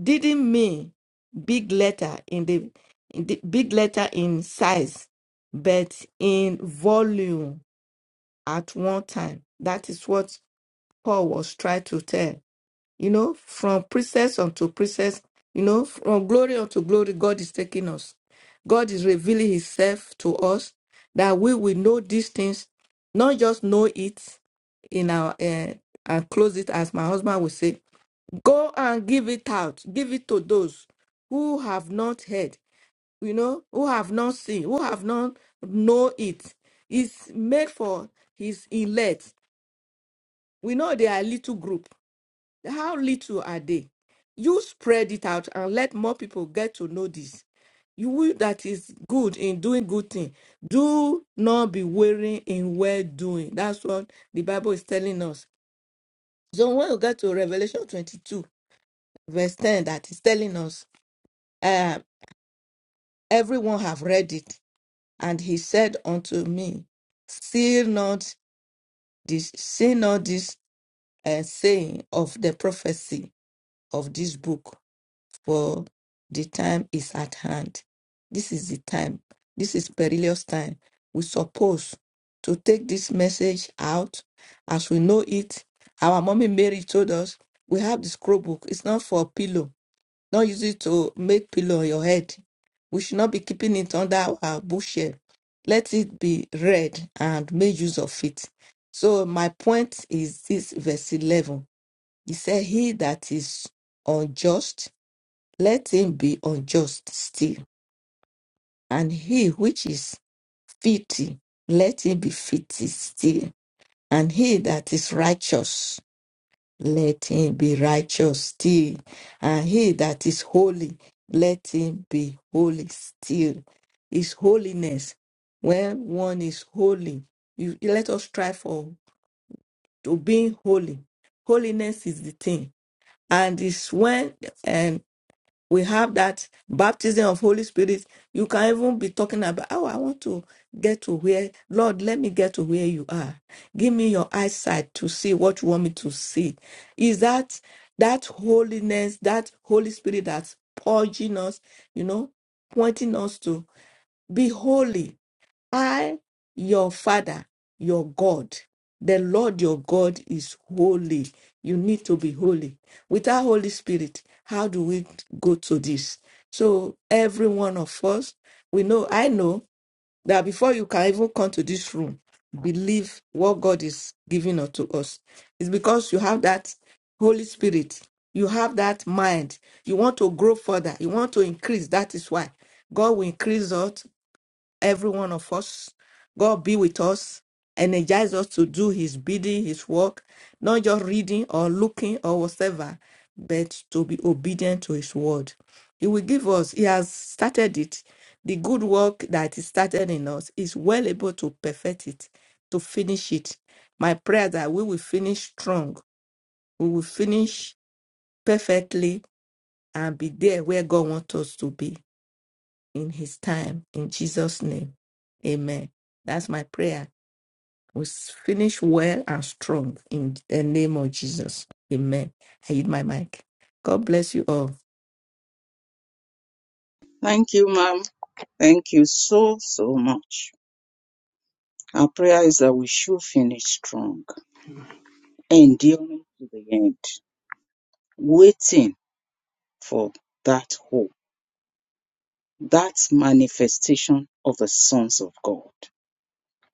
Speaker 4: didn't mean big letter in the, in the big letter in size, but in volume at one time. That is what Paul was trying to tell you know, from princess unto princess, you know, from glory unto glory, God is taking us. God is revealing Himself to us that we will know these things, not just know it in our uh, and close it, as my husband would say. Go and give it out, give it to those who have not heard, you know, who have not seen, who have not know it. It's made for His elect. We know they are a little group how little are they? You spread it out and let more people get to know this. You will that is good in doing good thing. Do not be weary in well doing. That's what the Bible is telling us. So when we get to Revelation 22, verse 10, that is telling us, uh, everyone have read it. And he said unto me, Seal not this, see not this uh, saying of the prophecy of this book. for the time is at hand. This is the time. This is perilous time. We suppose to take this message out as we know it. Our mommy Mary told us we have the scroll book. It's not for pillow. Don't use it to make pillow on your head. We should not be keeping it under our bushel. Let it be read and make use of it. So my point is this verse 11. He said, he that is unjust let him be unjust still, and he which is filthy, let him be filthy still, and he that is righteous, let him be righteous still, and he that is holy, let him be holy still. Is holiness. When one is holy, you, let us strive for to being holy. Holiness is the thing, and it's when um, we have that baptism of holy spirit you can even be talking about oh i want to get to where lord let me get to where you are give me your eyesight to see what you want me to see is that that holiness that holy spirit that's purging us you know pointing us to be holy I, your Father, your God, the Lord your God is holy. You need to be holy. Without Holy Spirit, how do we go to this? So, every one of us, we know, I know that before you can even come to this room, believe what God is giving unto us. It's because you have that Holy Spirit, you have that mind, you want to grow further, you want to increase. That is why God will increase us every one of us. God be with us, energize us to do His bidding, His work, not just reading or looking or whatever, but to be obedient to His word. He will give us, He has started it. The good work that He started in us is well able to perfect it, to finish it. My prayer that we will finish strong, we will finish perfectly and be there where God wants us to be in his time. In Jesus' name. Amen. That's my prayer. We s- finish well and strong in the name of Jesus. Amen. I hit my mic. God bless you all.
Speaker 2: Thank you, ma'am. Thank you so, so much. Our prayer is that we should finish strong, enduring to the end, waiting for that hope, that manifestation of the sons of God.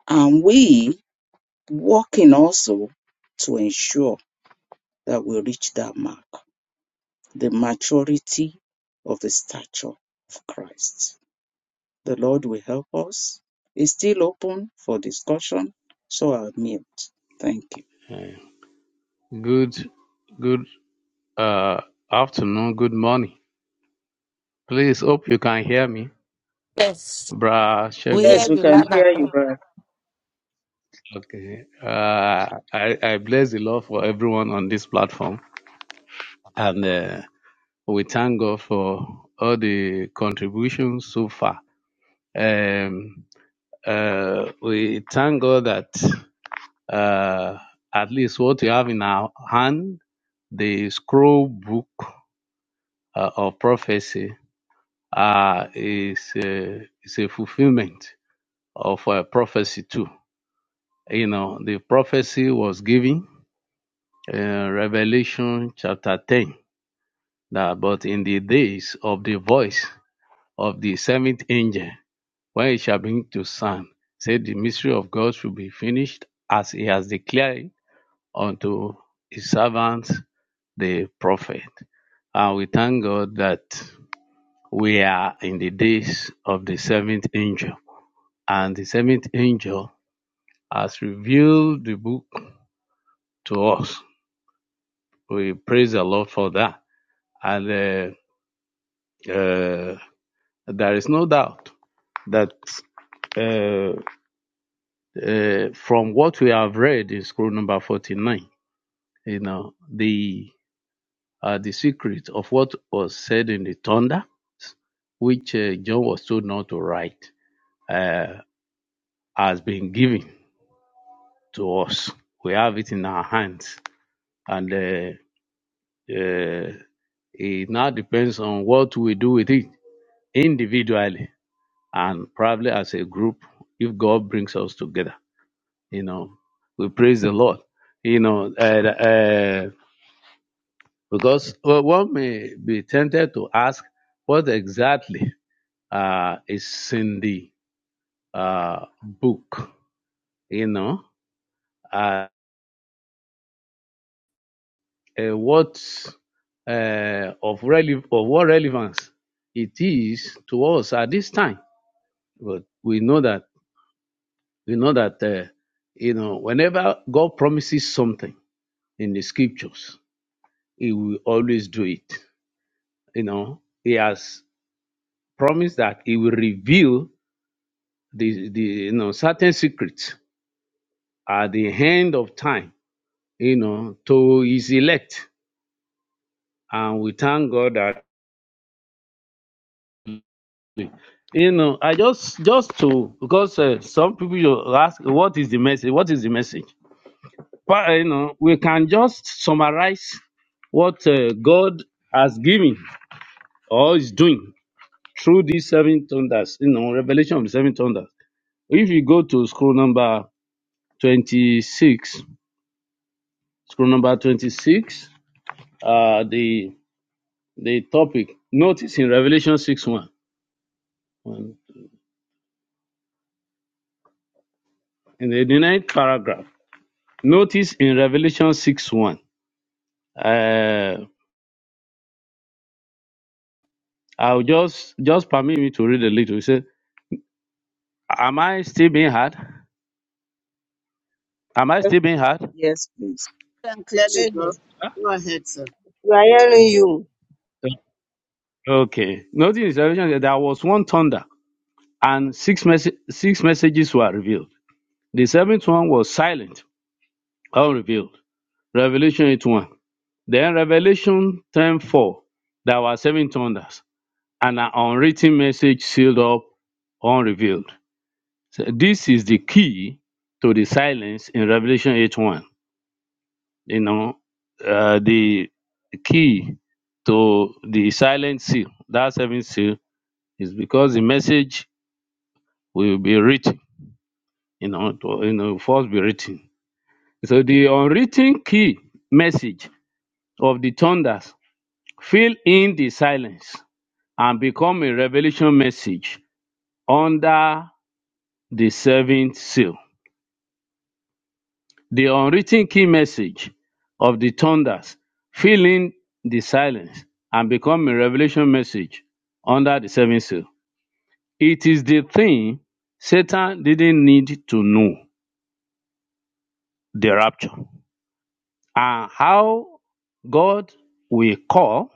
Speaker 2: And we working also to ensure that we reach that mark, the maturity of the stature of Christ. The Lord will help us. It's still open for discussion, so I'll mute. Thank you.
Speaker 6: Good, good uh, afternoon, good morning. Please hope you can hear me,
Speaker 4: Yes,
Speaker 6: Bra
Speaker 4: we
Speaker 6: Shegun.
Speaker 4: hear
Speaker 2: Yes, we
Speaker 4: you
Speaker 2: can
Speaker 4: loud and
Speaker 2: hear you,
Speaker 4: clear.
Speaker 2: brother.
Speaker 6: Okay. Uh, I, I bless the Lord for everyone on this platform, and uh, we thank God for all the contributions so far. Um, uh, we thank God that uh, at least what we have in our hand, the scroll book uh, of prophecy, uh, is a, is a fulfillment of a prophecy too. You know, the prophecy was given in Revelation chapter 10 that, but in the days of the voice of the seventh angel, when it shall bring to sound, said the mystery of God should be finished as he has declared it unto his servants, the prophet. And we thank God that we are in the days of the seventh angel and the seventh angel has revealed the book to us. We praise the Lord for that. And uh, uh, there is no doubt that uh, uh, from what we have read in scroll number 49, you know, the uh, the secret of what was said in the thunder, which uh, John was told not to write, uh, has been given to us. We have it in our hands. And uh, uh, It now depends on what we do with it individually and probably as a group if God brings us together. You know, we praise the Lord. You know, uh, uh, because well, one may be tempted to ask what exactly uh, is in the uh, book. You know, uh, uh, what uh, of rele- of what relevance it is to us at this time. But we know that. You know that, uh, you know, whenever God promises something in the scriptures, He will always do it. You know, He has promised that He will reveal the, the you know, certain secrets at the end of time, you know, to His elect. And we thank God that you know i just just to because uh, some people you ask what is the message what is the message but you know we can just summarize what uh, god has given or is doing through these seven thunders, you know, revelation of the seven thunders. If you go to scroll number 26, scroll number 26, uh, the the topic, notice in Revelation 6 1, in the ninth paragraph, notice in Revelation 6 1, uh, I'll just, just permit me to read a little. He said, Am I still being hard? Am I
Speaker 2: Yes,
Speaker 6: still being
Speaker 2: please.
Speaker 6: hard?
Speaker 2: Yes, please.
Speaker 3: Thank clearly, bro.
Speaker 5: Tinu,
Speaker 6: Huh?
Speaker 3: Go ahead, sir.
Speaker 5: We are hearing
Speaker 6: Okay.
Speaker 5: you.
Speaker 6: Okay. Notice in Revelation, that there was one thunder and six, mes six messages were revealed. The seventh one was silent, unrevealed. Revelation 8 1. Then Revelation ten four. There were seven thunders and an unwritten message sealed up, unrevealed. So this is the key to the silence in Revelation 8 1. You know, uh, the key to the silent seal, that seventh seal, is because the message will be written, you know, to, you know, first be written So the unwritten key message of the thunders fill in the silence and become a revelation message under the seventh seal. The unwritten key message of the thunders fill in the silence and become a revelation message under the seventh seal. It is the thing Satan didn't need to know the rapture and how God will call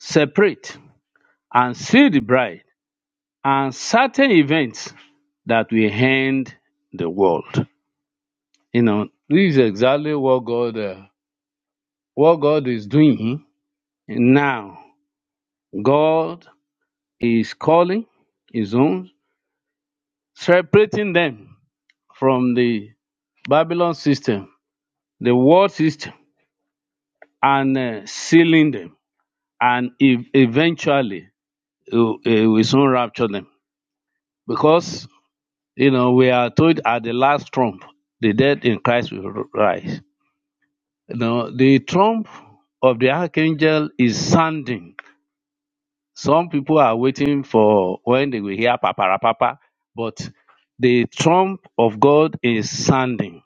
Speaker 6: separate and see the bride and certain events that will end the world. You know, this is exactly what God, uh, what God is doing now. God is calling His own, separating them from the Babylon system, the world system, and uh, sealing them, and ev- eventually He will he will soon rapture them because You know, we are told at the last trump, the dead in Christ will rise. You know, the trump of the archangel is sounding. Some people are waiting for when they will hear papara papa. but the trump of God is sounding.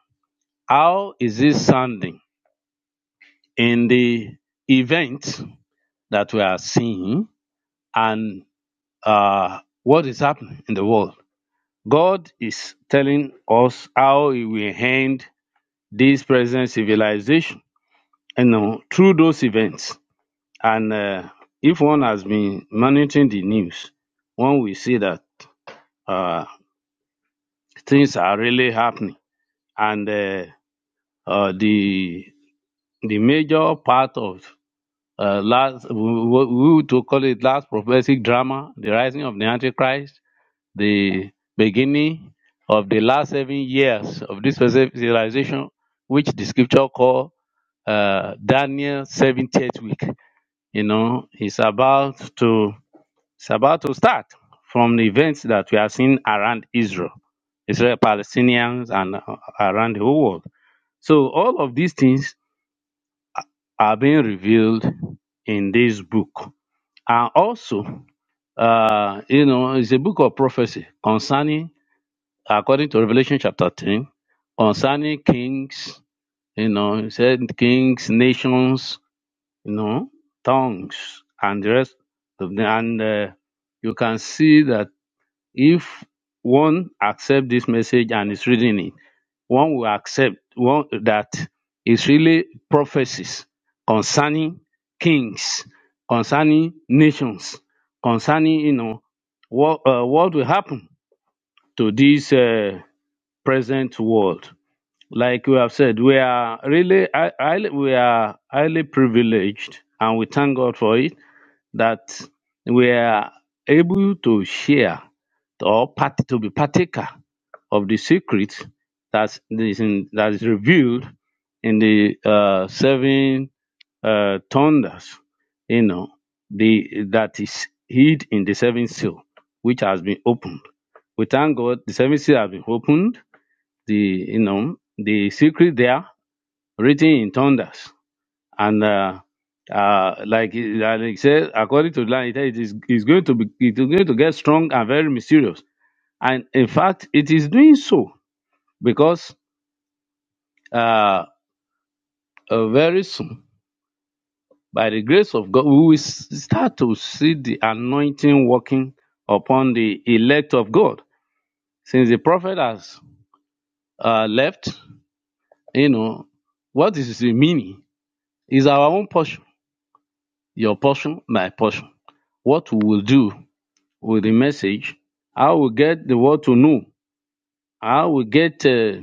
Speaker 6: How is it sounding? In the event that we are seeing and uh, what is happening in the world. God is telling us how He will end this present civilization, you know, through those events. And uh, if one has been monitoring the news, one will see that uh, things are really happening. And uh, uh, the the major part of uh, last, we we would to call it last prophetic drama, the rising of the Antichrist, the beginning of the last seven years of this present civilization, which the scripture call uh, Daniel 70th week. You know, it's about to it's about to start from the events that we have seen around Israel, Israel Palestinians, and uh, around the whole world. So all of these things are being revealed in this book, and also, uh, you know, it's a book of prophecy concerning, according to Revelation chapter ten, concerning kings. You know, it said kings, nations, you know, tongues and the rest of them. And uh, you can see that if one accept this message and is reading it, one will accept one that it's really prophecies concerning kings, concerning nations, concerning you know what uh, what will happen to this uh, present world. Like we have said, we are really hi- highly, we are highly privileged, and we thank God for it that we are able to share or part, to be partaker of the secret that's, that is in- that is revealed in the uh, seven uh, thunders, you know, the that is hid in the seven seal, which has been opened. We thank God the seven seal has been opened. The you know the secret there written in thunders and uh, uh, like like said, according to line, it is is going to be it is going to get strong and very mysterious. And in fact, it is doing so because uh, uh, very soon, by the grace of God, we will s- start to see the anointing working upon the elect of God. Since the prophet has uh, left, you know what is the meaning is our own portion, your portion, my portion. What we will do with the message. I will get the world to know. I will get uh,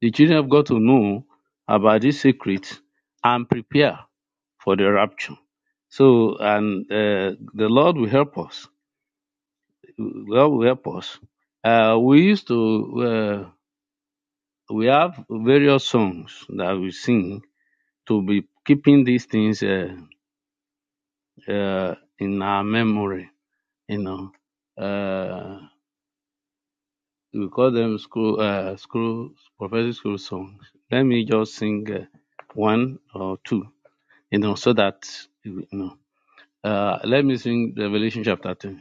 Speaker 6: the children of God to know about this secret and prepare for the rapture. So, and uh, the Lord will help us. The Lord will help us. Uh, we used to, uh, we have various songs that we sing to be keeping these things uh, uh, in our memory, you know. Uh, we call them school uh school prophetic school songs. Let me just sing uh, one or two, you know, so that you know. Uh, let me sing Revelation chapter two.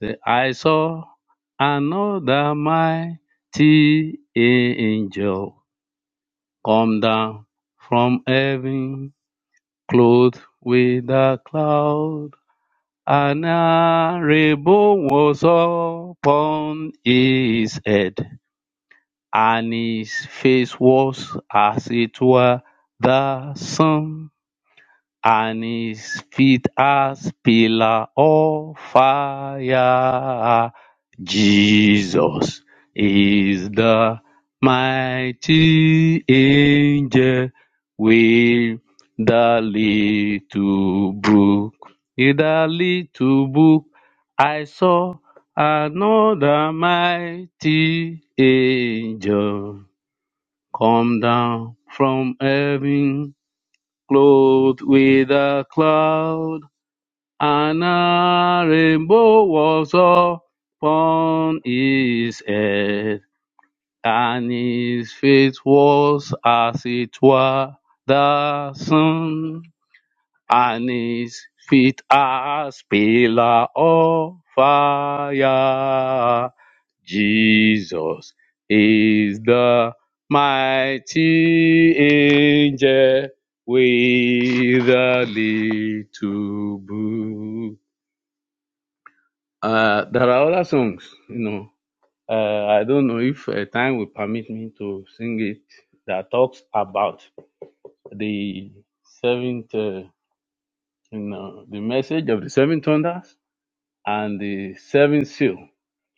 Speaker 6: The, I saw another mighty angel come down from heaven, clothed with a cloud. and a rainbow was upon his head And his face was as it were the sun, and his feet as pillar of fire. Jesus is the mighty angel with the little book. In the little book, I saw another mighty angel. Come down from heaven, clothed with a cloud, and a rainbow was upon his head, and his face was as it were the sun and his feet as pillar of fire. Jesus is the mighty angel with a little book. Uh, there are other songs, you know. Uh, I don't know if uh, time will permit me to sing it. That talks about the seventh, uh, you know, the message of the seven thunders and the seven seal,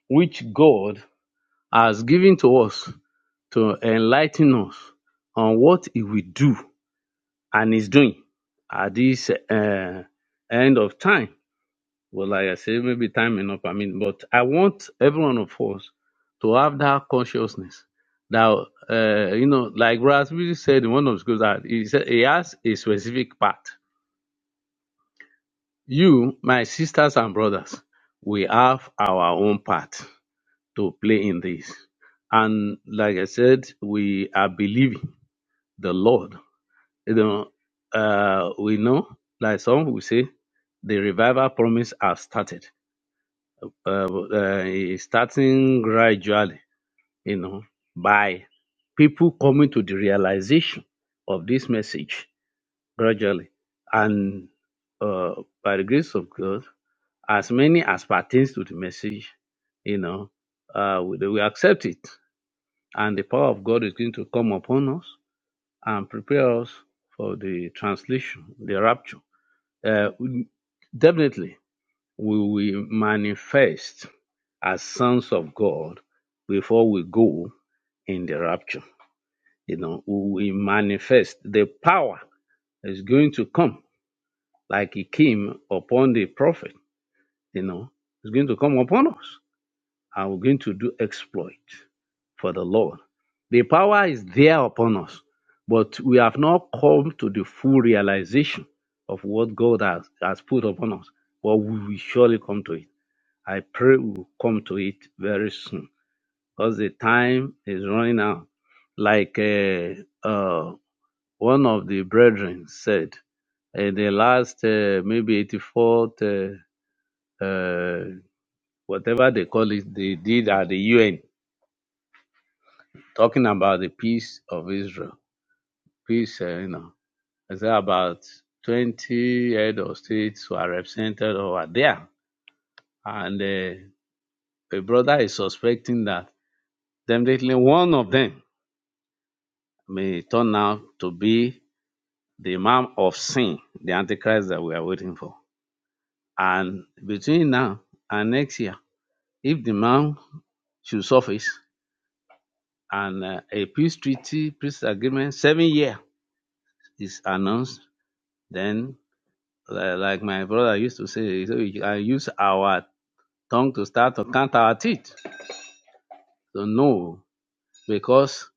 Speaker 6: which God has given to us to enlighten us on what He will do and is doing at this uh, end of time. Well, like I said, maybe time enough. I mean, but I want every one of us to have that consciousness. Now, uh, you know, like Rasmussen said in one of the schools that he said he has a specific part. You, my sisters and brothers, we have our own part to play in this. And like I said, we are believing the Lord. You know, uh, we know, like some will say, the revival promise has started. Uh, uh, it's starting gradually, you know, by people coming to the realization of this message gradually. And uh, by the grace of God, as many as pertains to the message, you know, uh, we, we accept it And the power of God is going to come upon us and prepare us for the translation, the rapture. Uh, definitely, we will manifest as sons of God before we go in the rapture. You know, we manifest the power is going to come like it came upon the prophet. You know, it's going to come upon us. and we're going to do exploit for the Lord. The power is there upon us, but we have not come to the full realization of what God has, has put upon us. But we will surely come to it. I pray we will come to it very soon because the time is running out. Like uh, uh, one of the brethren said, in the last uh, maybe 84th, uh, uh, whatever they call it, they did at the UN talking about the peace of Israel. Peace, uh, you know, I said about 20 head of states who are represented over there. And uh, a brother is suspecting that definitely one of them may turn out to be the Imam of Sin, the Antichrist that we are waiting for. And between now and next year, if the Imam should surface and uh, a peace treaty, peace agreement, seven years is announced, then Li- Like my brother used to say, so we- I use our tongue to start to count our teeth. So no, because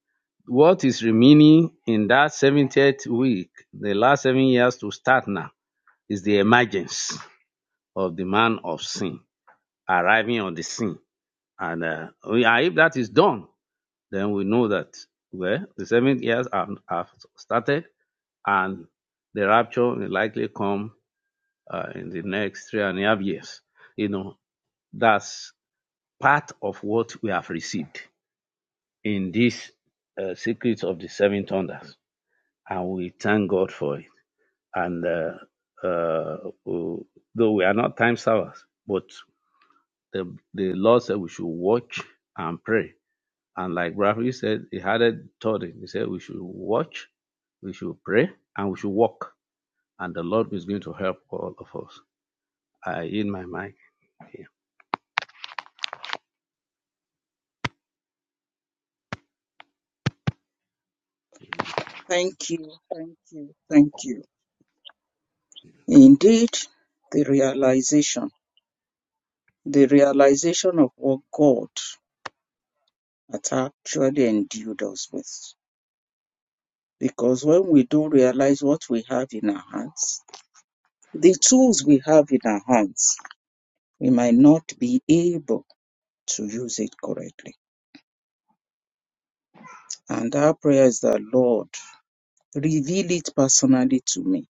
Speaker 6: what is remaining in that 70th week, the last seven years to start now, is the emergence of the man of sin arriving on the scene. And uh, we- and if that is done, then we know that well, the seven years have, have started, and the rapture will likely come uh, in the next three and a half years. You know, that's part of what we have received in this uh, secret of the seven thunders, and we thank God for it. And uh, uh, though we are not time servers, but the the Lord said we should watch and pray. And like Rafi said, he had it taught it. He said we should watch, we should pray, and we should walk. And the Lord is going to help all of us. I in my mind.
Speaker 2: Thank you. Thank you. Thank you. Indeed, the realization, the realization of what God has actually endued us with. Because when we do realize what we have in our hands, the tools we have in our hands, we might not be able to use it correctly. And our prayer is that, Lord, reveal it personally to me.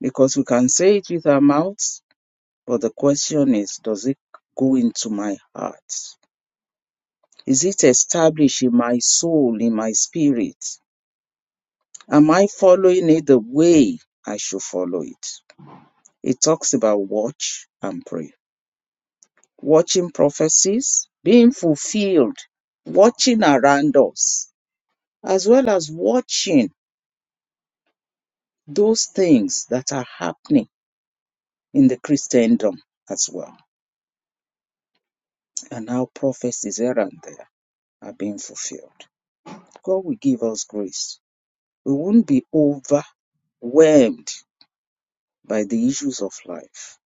Speaker 2: Because we can say it with our mouths, but the question is, does it go into my heart? Is it established in my soul, in my spirit? Am I following it the way I should follow it? It talks about watch and pray. Watching prophecies, being fulfilled, watching around us, as well as watching those things that are happening in the Christendom as well, and how prophecies here and there are being fulfilled. God will give us grace. We won't be overwhelmed by the issues of life.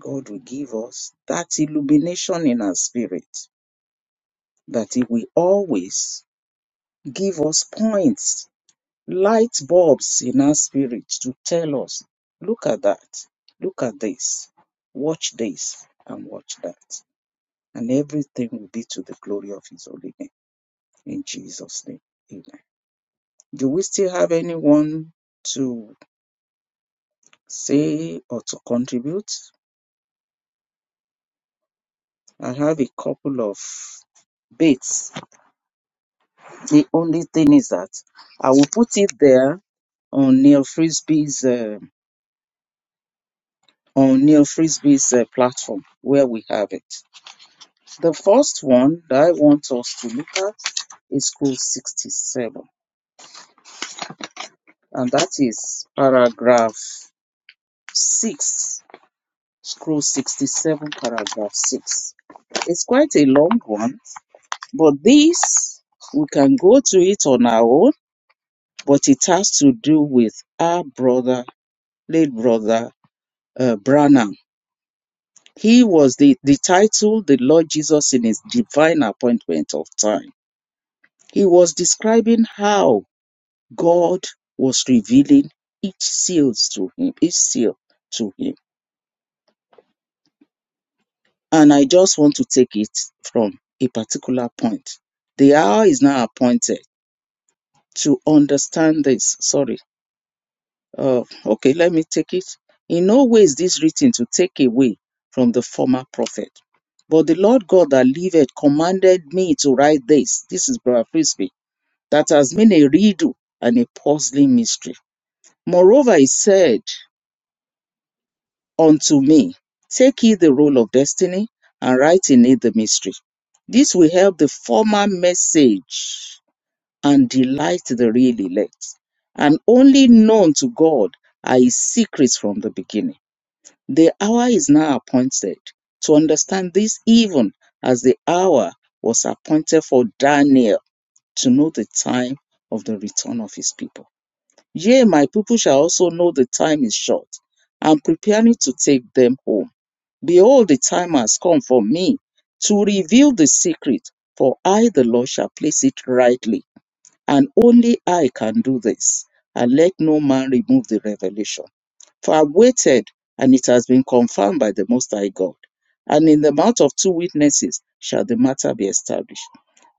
Speaker 2: God will give us that illumination in our spirit that He will always give us points, light bulbs in our spirit to tell us, look at that, look at this, watch this, and watch that. And everything will be to the glory of His holy name. In Jesus' name. Amen. Do we still have anyone to say or to contribute? I have a couple of bits. The only thing is that I will put it there on Neil Frisbee's uh, on Neil Frisbee's uh, platform where we have it. The first one that I want us to look at is code 67, and that is paragraph 6 Scroll 67, paragraph 6. It's quite a long one, but this, we can go to it on our own, but it has to do with our brother, late brother uh, Branham. He was the, the title, the Lord Jesus in his divine appointment of time. He was describing how God was revealing each seal to him, each seal to him and I just want to take it from a particular point. The hour is now appointed to understand this. Sorry. Uh, okay, let me take it. In no way is this written to take away from the former prophet. But the Lord God that liveth commanded me to write this. This is Brother Frisbee. That has been a riddle and a puzzling mystery. Moreover, he said, unto me. Take ye the roll of destiny and write in it the mystery. This will help the former message and delight the real elect. And only known to God are his secrets from the beginning. The hour is now appointed to understand this, even as the hour was appointed for Daniel to know the time of the return of his people. Yea, my people shall also know the time is short. I'm preparing to take them home. Behold, the time has come for me to reveal the secret, for I, the Lord, shall place it rightly, and only I can do this. And let no man remove the revelation. For I waited, and it has been confirmed by the Most High God. And in the mouth of two witnesses shall the matter be established.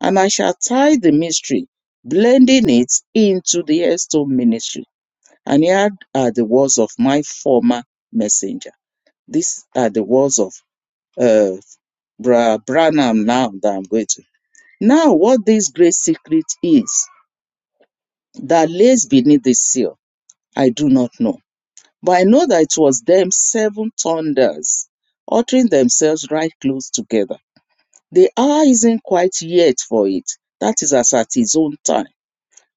Speaker 2: And I shall tie the mystery, blending it into the headstone ministry. And here are the words of my former messenger. These are the words of uh, Bra Branham now that I'm going to. Now, what this great secret is that lays beneath the seal, I do not know. But I know that it was them seven thunders uttering themselves right close together. The hour isn't quite yet for it. That is as at his own time.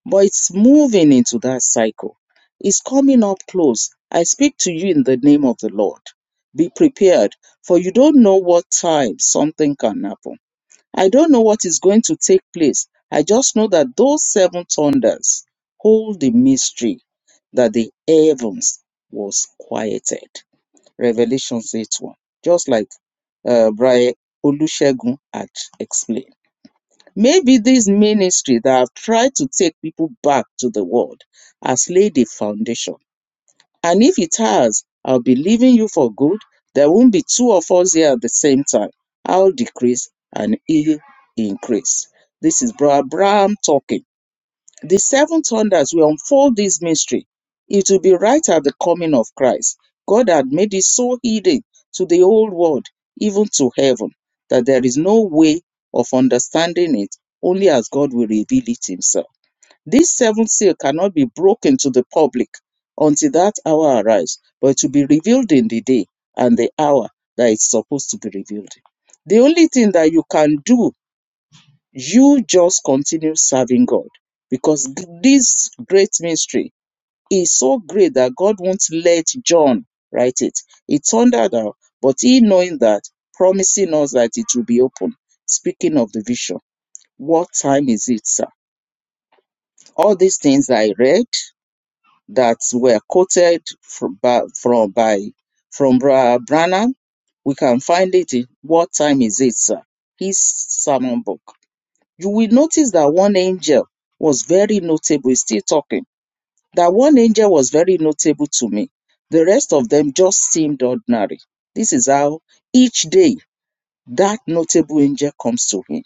Speaker 2: But it's moving into that cycle. It's coming up close. I speak to you in the name of the Lord. Be prepared, for you don't know what time something can happen. I don't know what is going to take place. I just know that those seven thunders hold the mystery that the heavens was quieted. Revelation 8 1. Just like uh, Brian Olusegun had explained. Maybe this ministry that have tried to take people back to the world has laid a foundation and if it has, I'll be leaving you for good. There won't be two of us here at the same time. I'll decrease and he'll increase. This is Brother Abraham talking. The seven thunders will unfold this mystery. It will be right at the coming of Christ. God had made it so hidden to the old world, even to heaven, that there is no way of understanding it, only as God will reveal it himself. This seventh seal cannot be broken to the public until that hour arrives, but it will be revealed in the day and the hour that it's supposed to be revealed. in. The only thing that you can do, you just continue serving God because g- this great mystery is so great that God won't let John write it. It turned out, that- but he knowing that, promising us that it will be open. Speaking of the vision, what time is it, sir? All these things I read that were quoted from by, from by from Brother Branham. We can find it in What Time Is It, Sir? His sermon book. You will notice that one angel was very notable. He's still talking. That one angel was very notable to me. The rest of them just seemed ordinary. This is how each day that notable angel comes to him.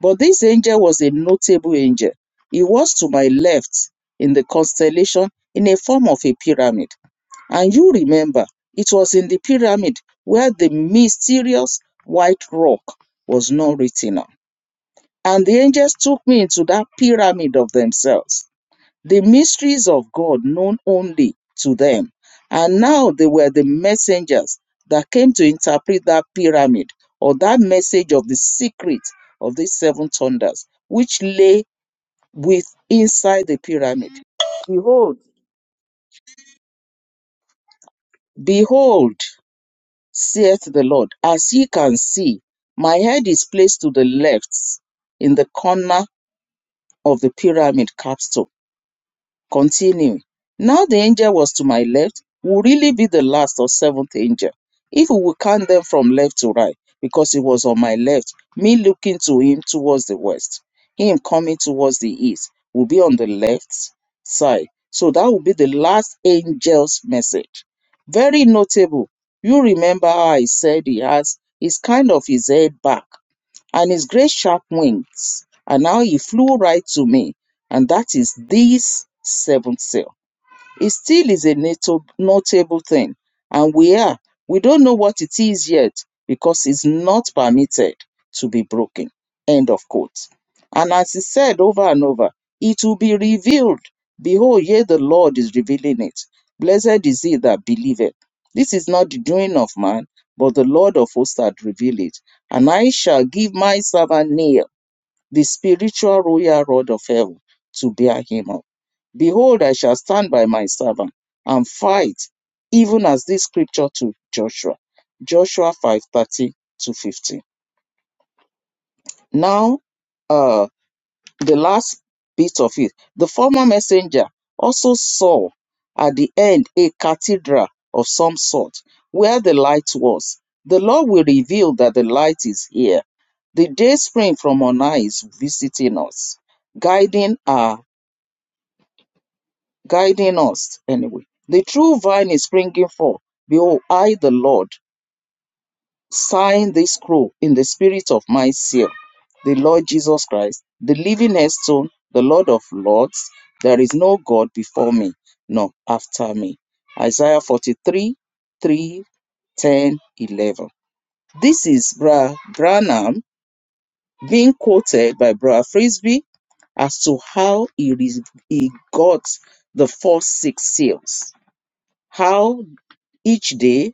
Speaker 2: But this angel was a notable angel. He was to my left in the constellation in a form of a pyramid and you remember, it was in the pyramid where the mysterious white rock was not written on. And the angels took me into that pyramid of themselves, the mysteries of God known only to them. And now they were the messengers that came to interpret that pyramid or that message of the secret of these seven thunders, which lay with inside the pyramid. Behold, behold saith the Lord. As ye can see, my head is placed to the left in the corner of the pyramid capstone. Continuing, now the angel was to my left will really be the last or seventh angel if we will count them from left to right, because he was on my left, me looking to him towards the west, him coming towards the east will be on the left side. So that will be the last angel's message. Very notable. You remember how I said he has, he's kind of his head back and his great sharp wings. And now he flew right to me, and that is this seventh seal. It still is a nato- notable thing. And we are, we don't know what it is yet because it's not permitted to be broken. End of quote. And as he said over and over, it will be revealed. Behold, yea, the Lord is revealing it. Blessed is he that believeth. This is not the doing of man, but the Lord of hosts hath revealed it. And I shall give my servant Neil the spiritual royal rod of heaven to bear him up. Behold, I shall stand by my servant and fight, even as this scripture to Joshua. Joshua 5 thirteen to 15. Now, uh the last bit of it. The former messenger also saw at the end a cathedral of some sort where the light was. The Lord will reveal that the light is here. The day spring from on high is visiting us, guiding our guiding us anyway. The true vine is springing forth. Behold, I the Lord Sign this scroll in the spirit of my seal, the Lord Jesus Christ, the living headstone, the Lord of Lords. There is no God before me, nor after me. Isaiah 43, 3, 10, 11. This is Brad Branham being quoted by Brad Frisbee as to how he, re- he got the first six seals, how each day,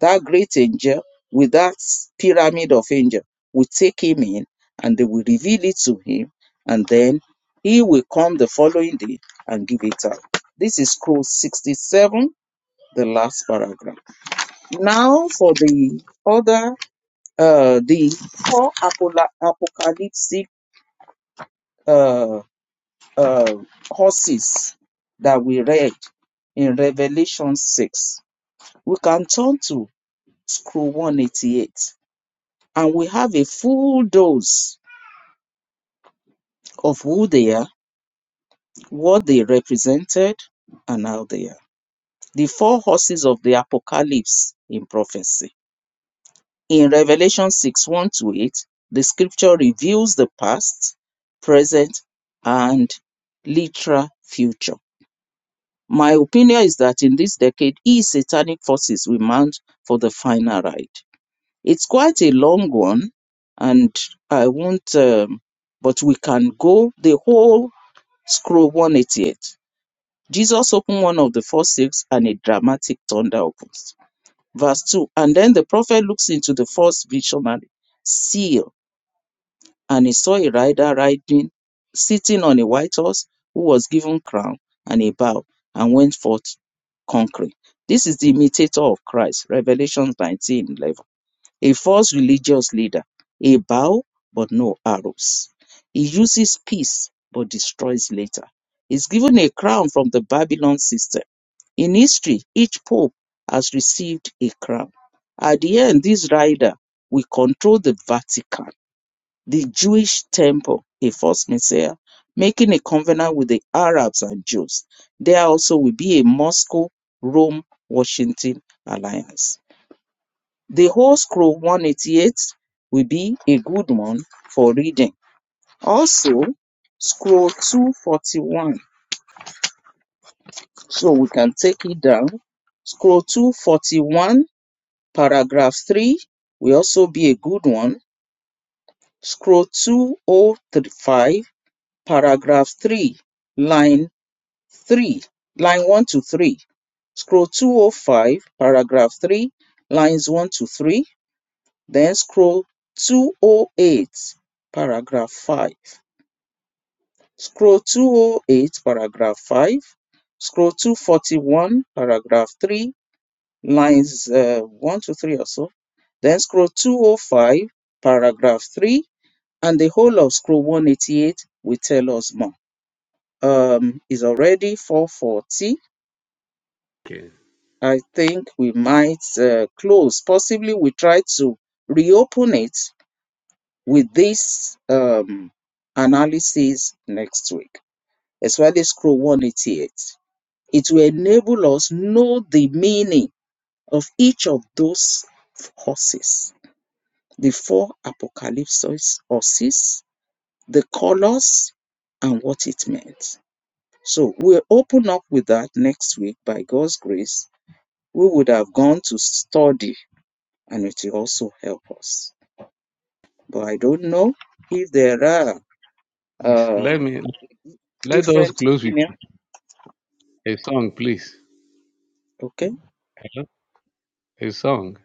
Speaker 2: that great angel with that pyramid of angel will take him in and they will reveal it to him. And then he will come the following day and give it out. This is scroll 67, the last paragraph. Now for the other, uh, the four apola- apocalyptic uh, uh, horses that we read in Revelation 6. We can turn to scroll 188. and we have a full dose of who they are, what they represented, and how they are. The four horses of the apocalypse in prophecy. In Revelation 6 1 to 8, the scripture reveals the past, present, and literal future. My opinion is that in this decade, e satanic forces will mount for the final ride. It's quite a long one, and I won't, um, but we can go the whole Scroll 188. Jesus opened one of the four seals, and a dramatic thunder opens. Verse 2 And then the prophet looks into the first visionary seal, and he saw a rider riding, sitting on a white horse, who was given crown and a bow, and went forth conquering. This is the imitator of Christ, Revelation 19:11. A false religious leader. A bow, but no arrows. He uses peace, but destroys later. He's given a crown from the Babylon system. In history, each pope has received a crown. At the end, this rider will control the Vatican, the Jewish temple, a false messiah, making a covenant with the Arabs and Jews. There also will be a Moscow Rome Washington alliance. The whole scroll 188 will be a good one for reading. Also, scroll 241. So we can take it down. Scroll 241, paragraph 3 will also be a good one. Scroll 2035, paragraph 3, line 3, line 1 to 3. Scroll 205, paragraph 3, lines 1 to 3 Then scroll 208, paragraph 5. Scroll 208, paragraph 5. Scroll 241, paragraph 3, lines uh, 1 to 3 or so. Then scroll 205, paragraph 3, and the whole of scroll 188 will tell us more. Um, it's already 440.
Speaker 6: Okay.
Speaker 2: I think we might uh, close. Possibly we try to reopen it with this um, analysis next week, especially scroll 188. It will enable us know the meaning of each of those horses, the four apocalypses horses, the colors, and what it meant. So we'll open up with that next week by God's grace. We would have gone to study and it will also help us. But I don't know if there are uh,
Speaker 6: Let me let us
Speaker 2: different
Speaker 6: close with
Speaker 2: opinions
Speaker 6: a song, please.
Speaker 2: Okay.
Speaker 6: His song.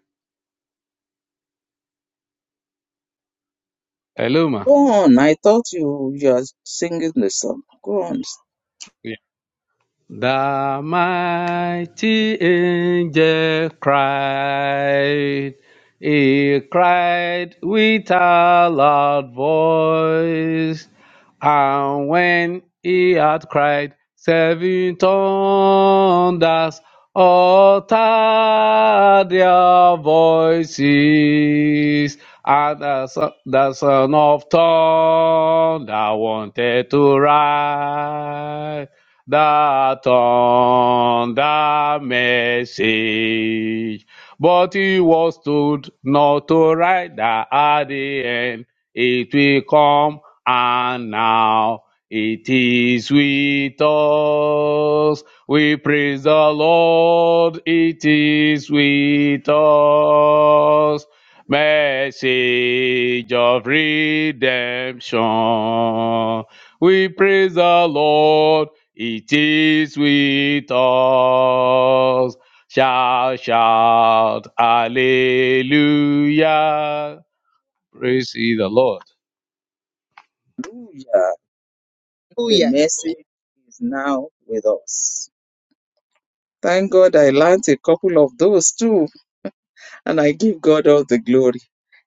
Speaker 6: Eluma.
Speaker 2: Go on. I thought you you are singing the song. Go on.
Speaker 6: Yeah. The mighty angel cried. He cried with a loud voice. And when he had cried seven thunders, uttered their voices, and the son, the son of thunder wanted to write the thunder message, but he was told not to write that at the end. It will come and now it is with us. We praise the Lord. It is with us. Message of redemption. We praise the Lord. It is with us. Shout, shout, hallelujah. Praise ye the Lord.
Speaker 2: Hallelujah. The
Speaker 3: Hallelujah.
Speaker 2: message is now with us. Thank God I learnt a couple of those too, and I give God all the glory.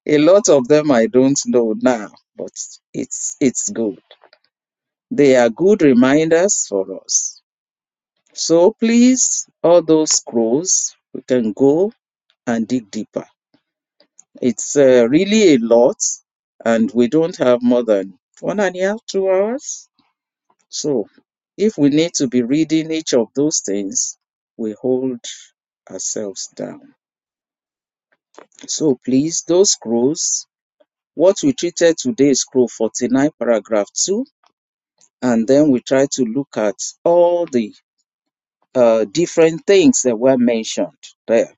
Speaker 2: A lot of them I don't know now, but it's it's good. They are good reminders for us. So please, all those scrolls, we can go and dig deeper. It's uh, really a lot, and we don't have more than one and a half, two hours. So, if we need to be reading each of those things, we hold ourselves down. So, please, those scrolls, what we treated today is scroll 49, paragraph 2, and then we try to look at all the uh, different things that were mentioned there.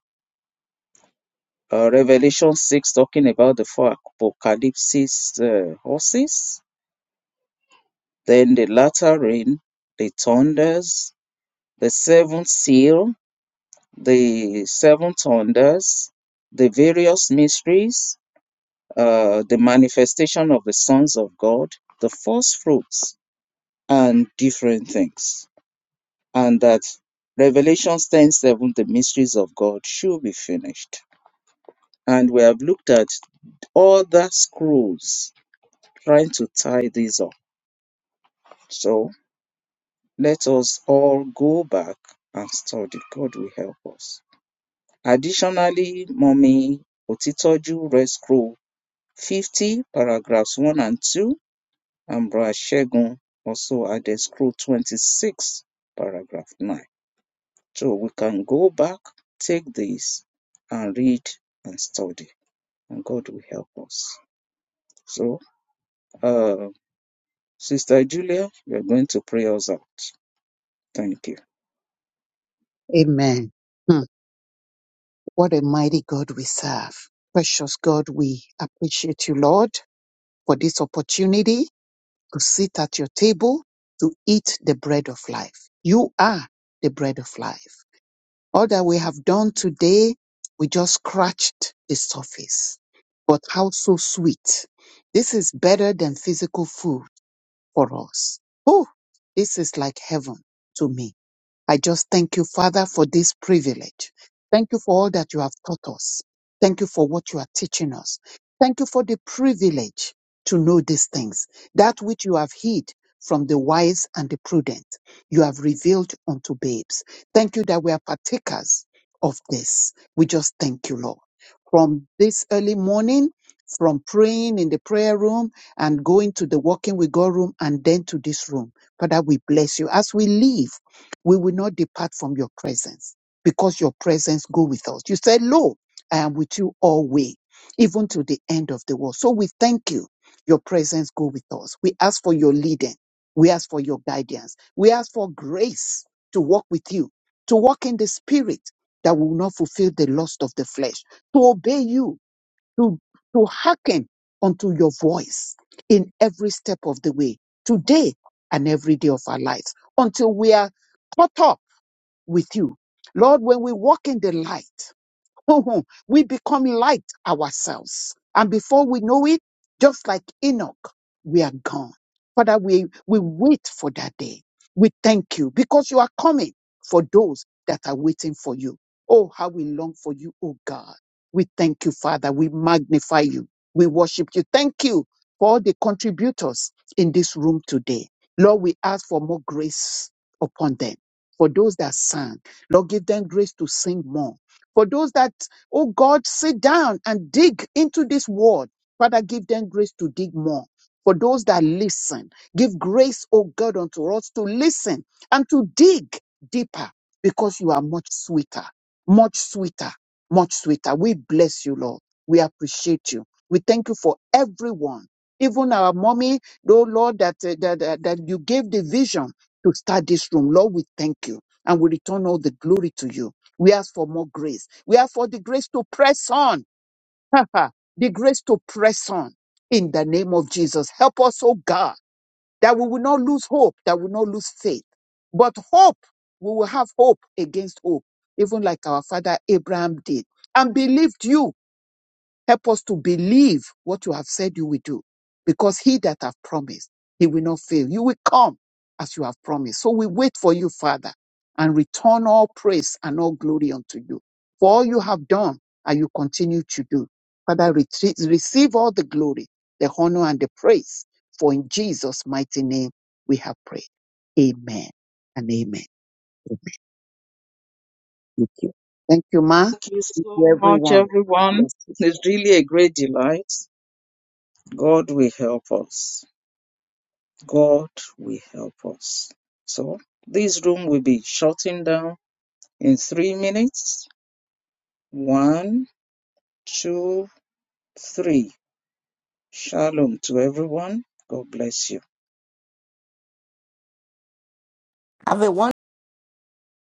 Speaker 2: Uh, Revelation 6 talking about the four apocalypses uh, horses then the latter rain, the thunders, the seventh seal, the seven thunders, the various mysteries, uh, the manifestation of the sons of God, the first fruits, and different things. And that Revelation 10 7, the mysteries of God should be finished. And we have looked at other scrolls trying to tie these up. So Let us all go back and study. God will help us. Additionally, Mommy Otitoju read scroll 50, paragraphs 1 and 2, and Bra Shegun also added scroll 26, paragraph 9. So we can go back, take this, and read and study, and God will help us. So, uh, Sister Julia, you're going to pray us out. Thank you.
Speaker 3: Amen. Hmm. What a mighty God we serve. Precious God, we appreciate you, Lord, for this opportunity to sit at your table to eat the bread of life. You are the bread of life. All that we have done today, we just scratched the surface. But how so sweet. This is better than physical food for us. Oh, this is like heaven to me. I just thank you, Father, for this privilege. Thank you for all that you have taught us. Thank you for what you are teaching us. Thank you for the privilege to know these things, that which you have hid from the wise and the prudent. You have revealed unto babes. Thank you that we are partakers of this. We just thank you, Lord. From this early morning, from praying in the prayer room and going to the walking with God room and then to this room. Father, we bless you as we leave we will not depart from your presence because your presence go with us. You said, Lo, I am with you always, even to the end of the world. So we thank you. Your presence go with us. We ask for your leading. We ask for your guidance. We ask for grace to walk with you, to walk in the spirit that will not fulfill the lust of the flesh, to obey you to, to hearken unto your voice in every step of the way, today and every day of our lives, until we are caught up with you. Lord, when we walk in the light, we become light ourselves. And before we know it, just like Enoch, we are gone. Father, we, we wait for that day. We thank you because you are coming for those that are waiting for you. Oh, how we long for you, oh God. We thank you, Father. We magnify you. We worship you. Thank you for all the contributors in this room today. Lord, we ask for more grace upon them. For those that sang, Lord, give them grace to sing more for those that, oh God, sit down and dig into this word, Father, give them grace to dig more. For those that listen, give grace, oh God, unto us to listen and to dig deeper because you are much sweeter, much sweeter, much sweeter. We bless you, Lord. We appreciate you. We thank you for everyone, even our mommy, though, Lord, that, uh, that, that, that you gave the vision to start this room. Lord, we thank you and we return all the glory to you. We ask for more grace. We ask for the grace to press on. the grace to press on in the name of Jesus. Help us, oh God, that we will not lose hope, that we will not lose faith. But hope, we will have hope against hope, even like our father Abraham did and believed you Help us to believe what you have said you will do, because he that have promised, he will not fail. You will come as you have promised. So we wait for you, Father, and return all praise and all glory unto you. For all you have done and you continue to do. Father, retreat, receive all the glory, the honor, and the praise. For in Jesus' mighty name we have prayed. Amen and amen. Thank you. Thank you, Ma.
Speaker 2: you
Speaker 3: Thank
Speaker 2: so
Speaker 3: you,
Speaker 2: much,
Speaker 3: everyone.
Speaker 2: everyone.
Speaker 3: Bless you.
Speaker 2: It's really a great delight. God will help us. God will help us. So, this room will be shutting down in three minutes. One, two, three. Shalom to everyone. God bless you.
Speaker 4: Have a wonderful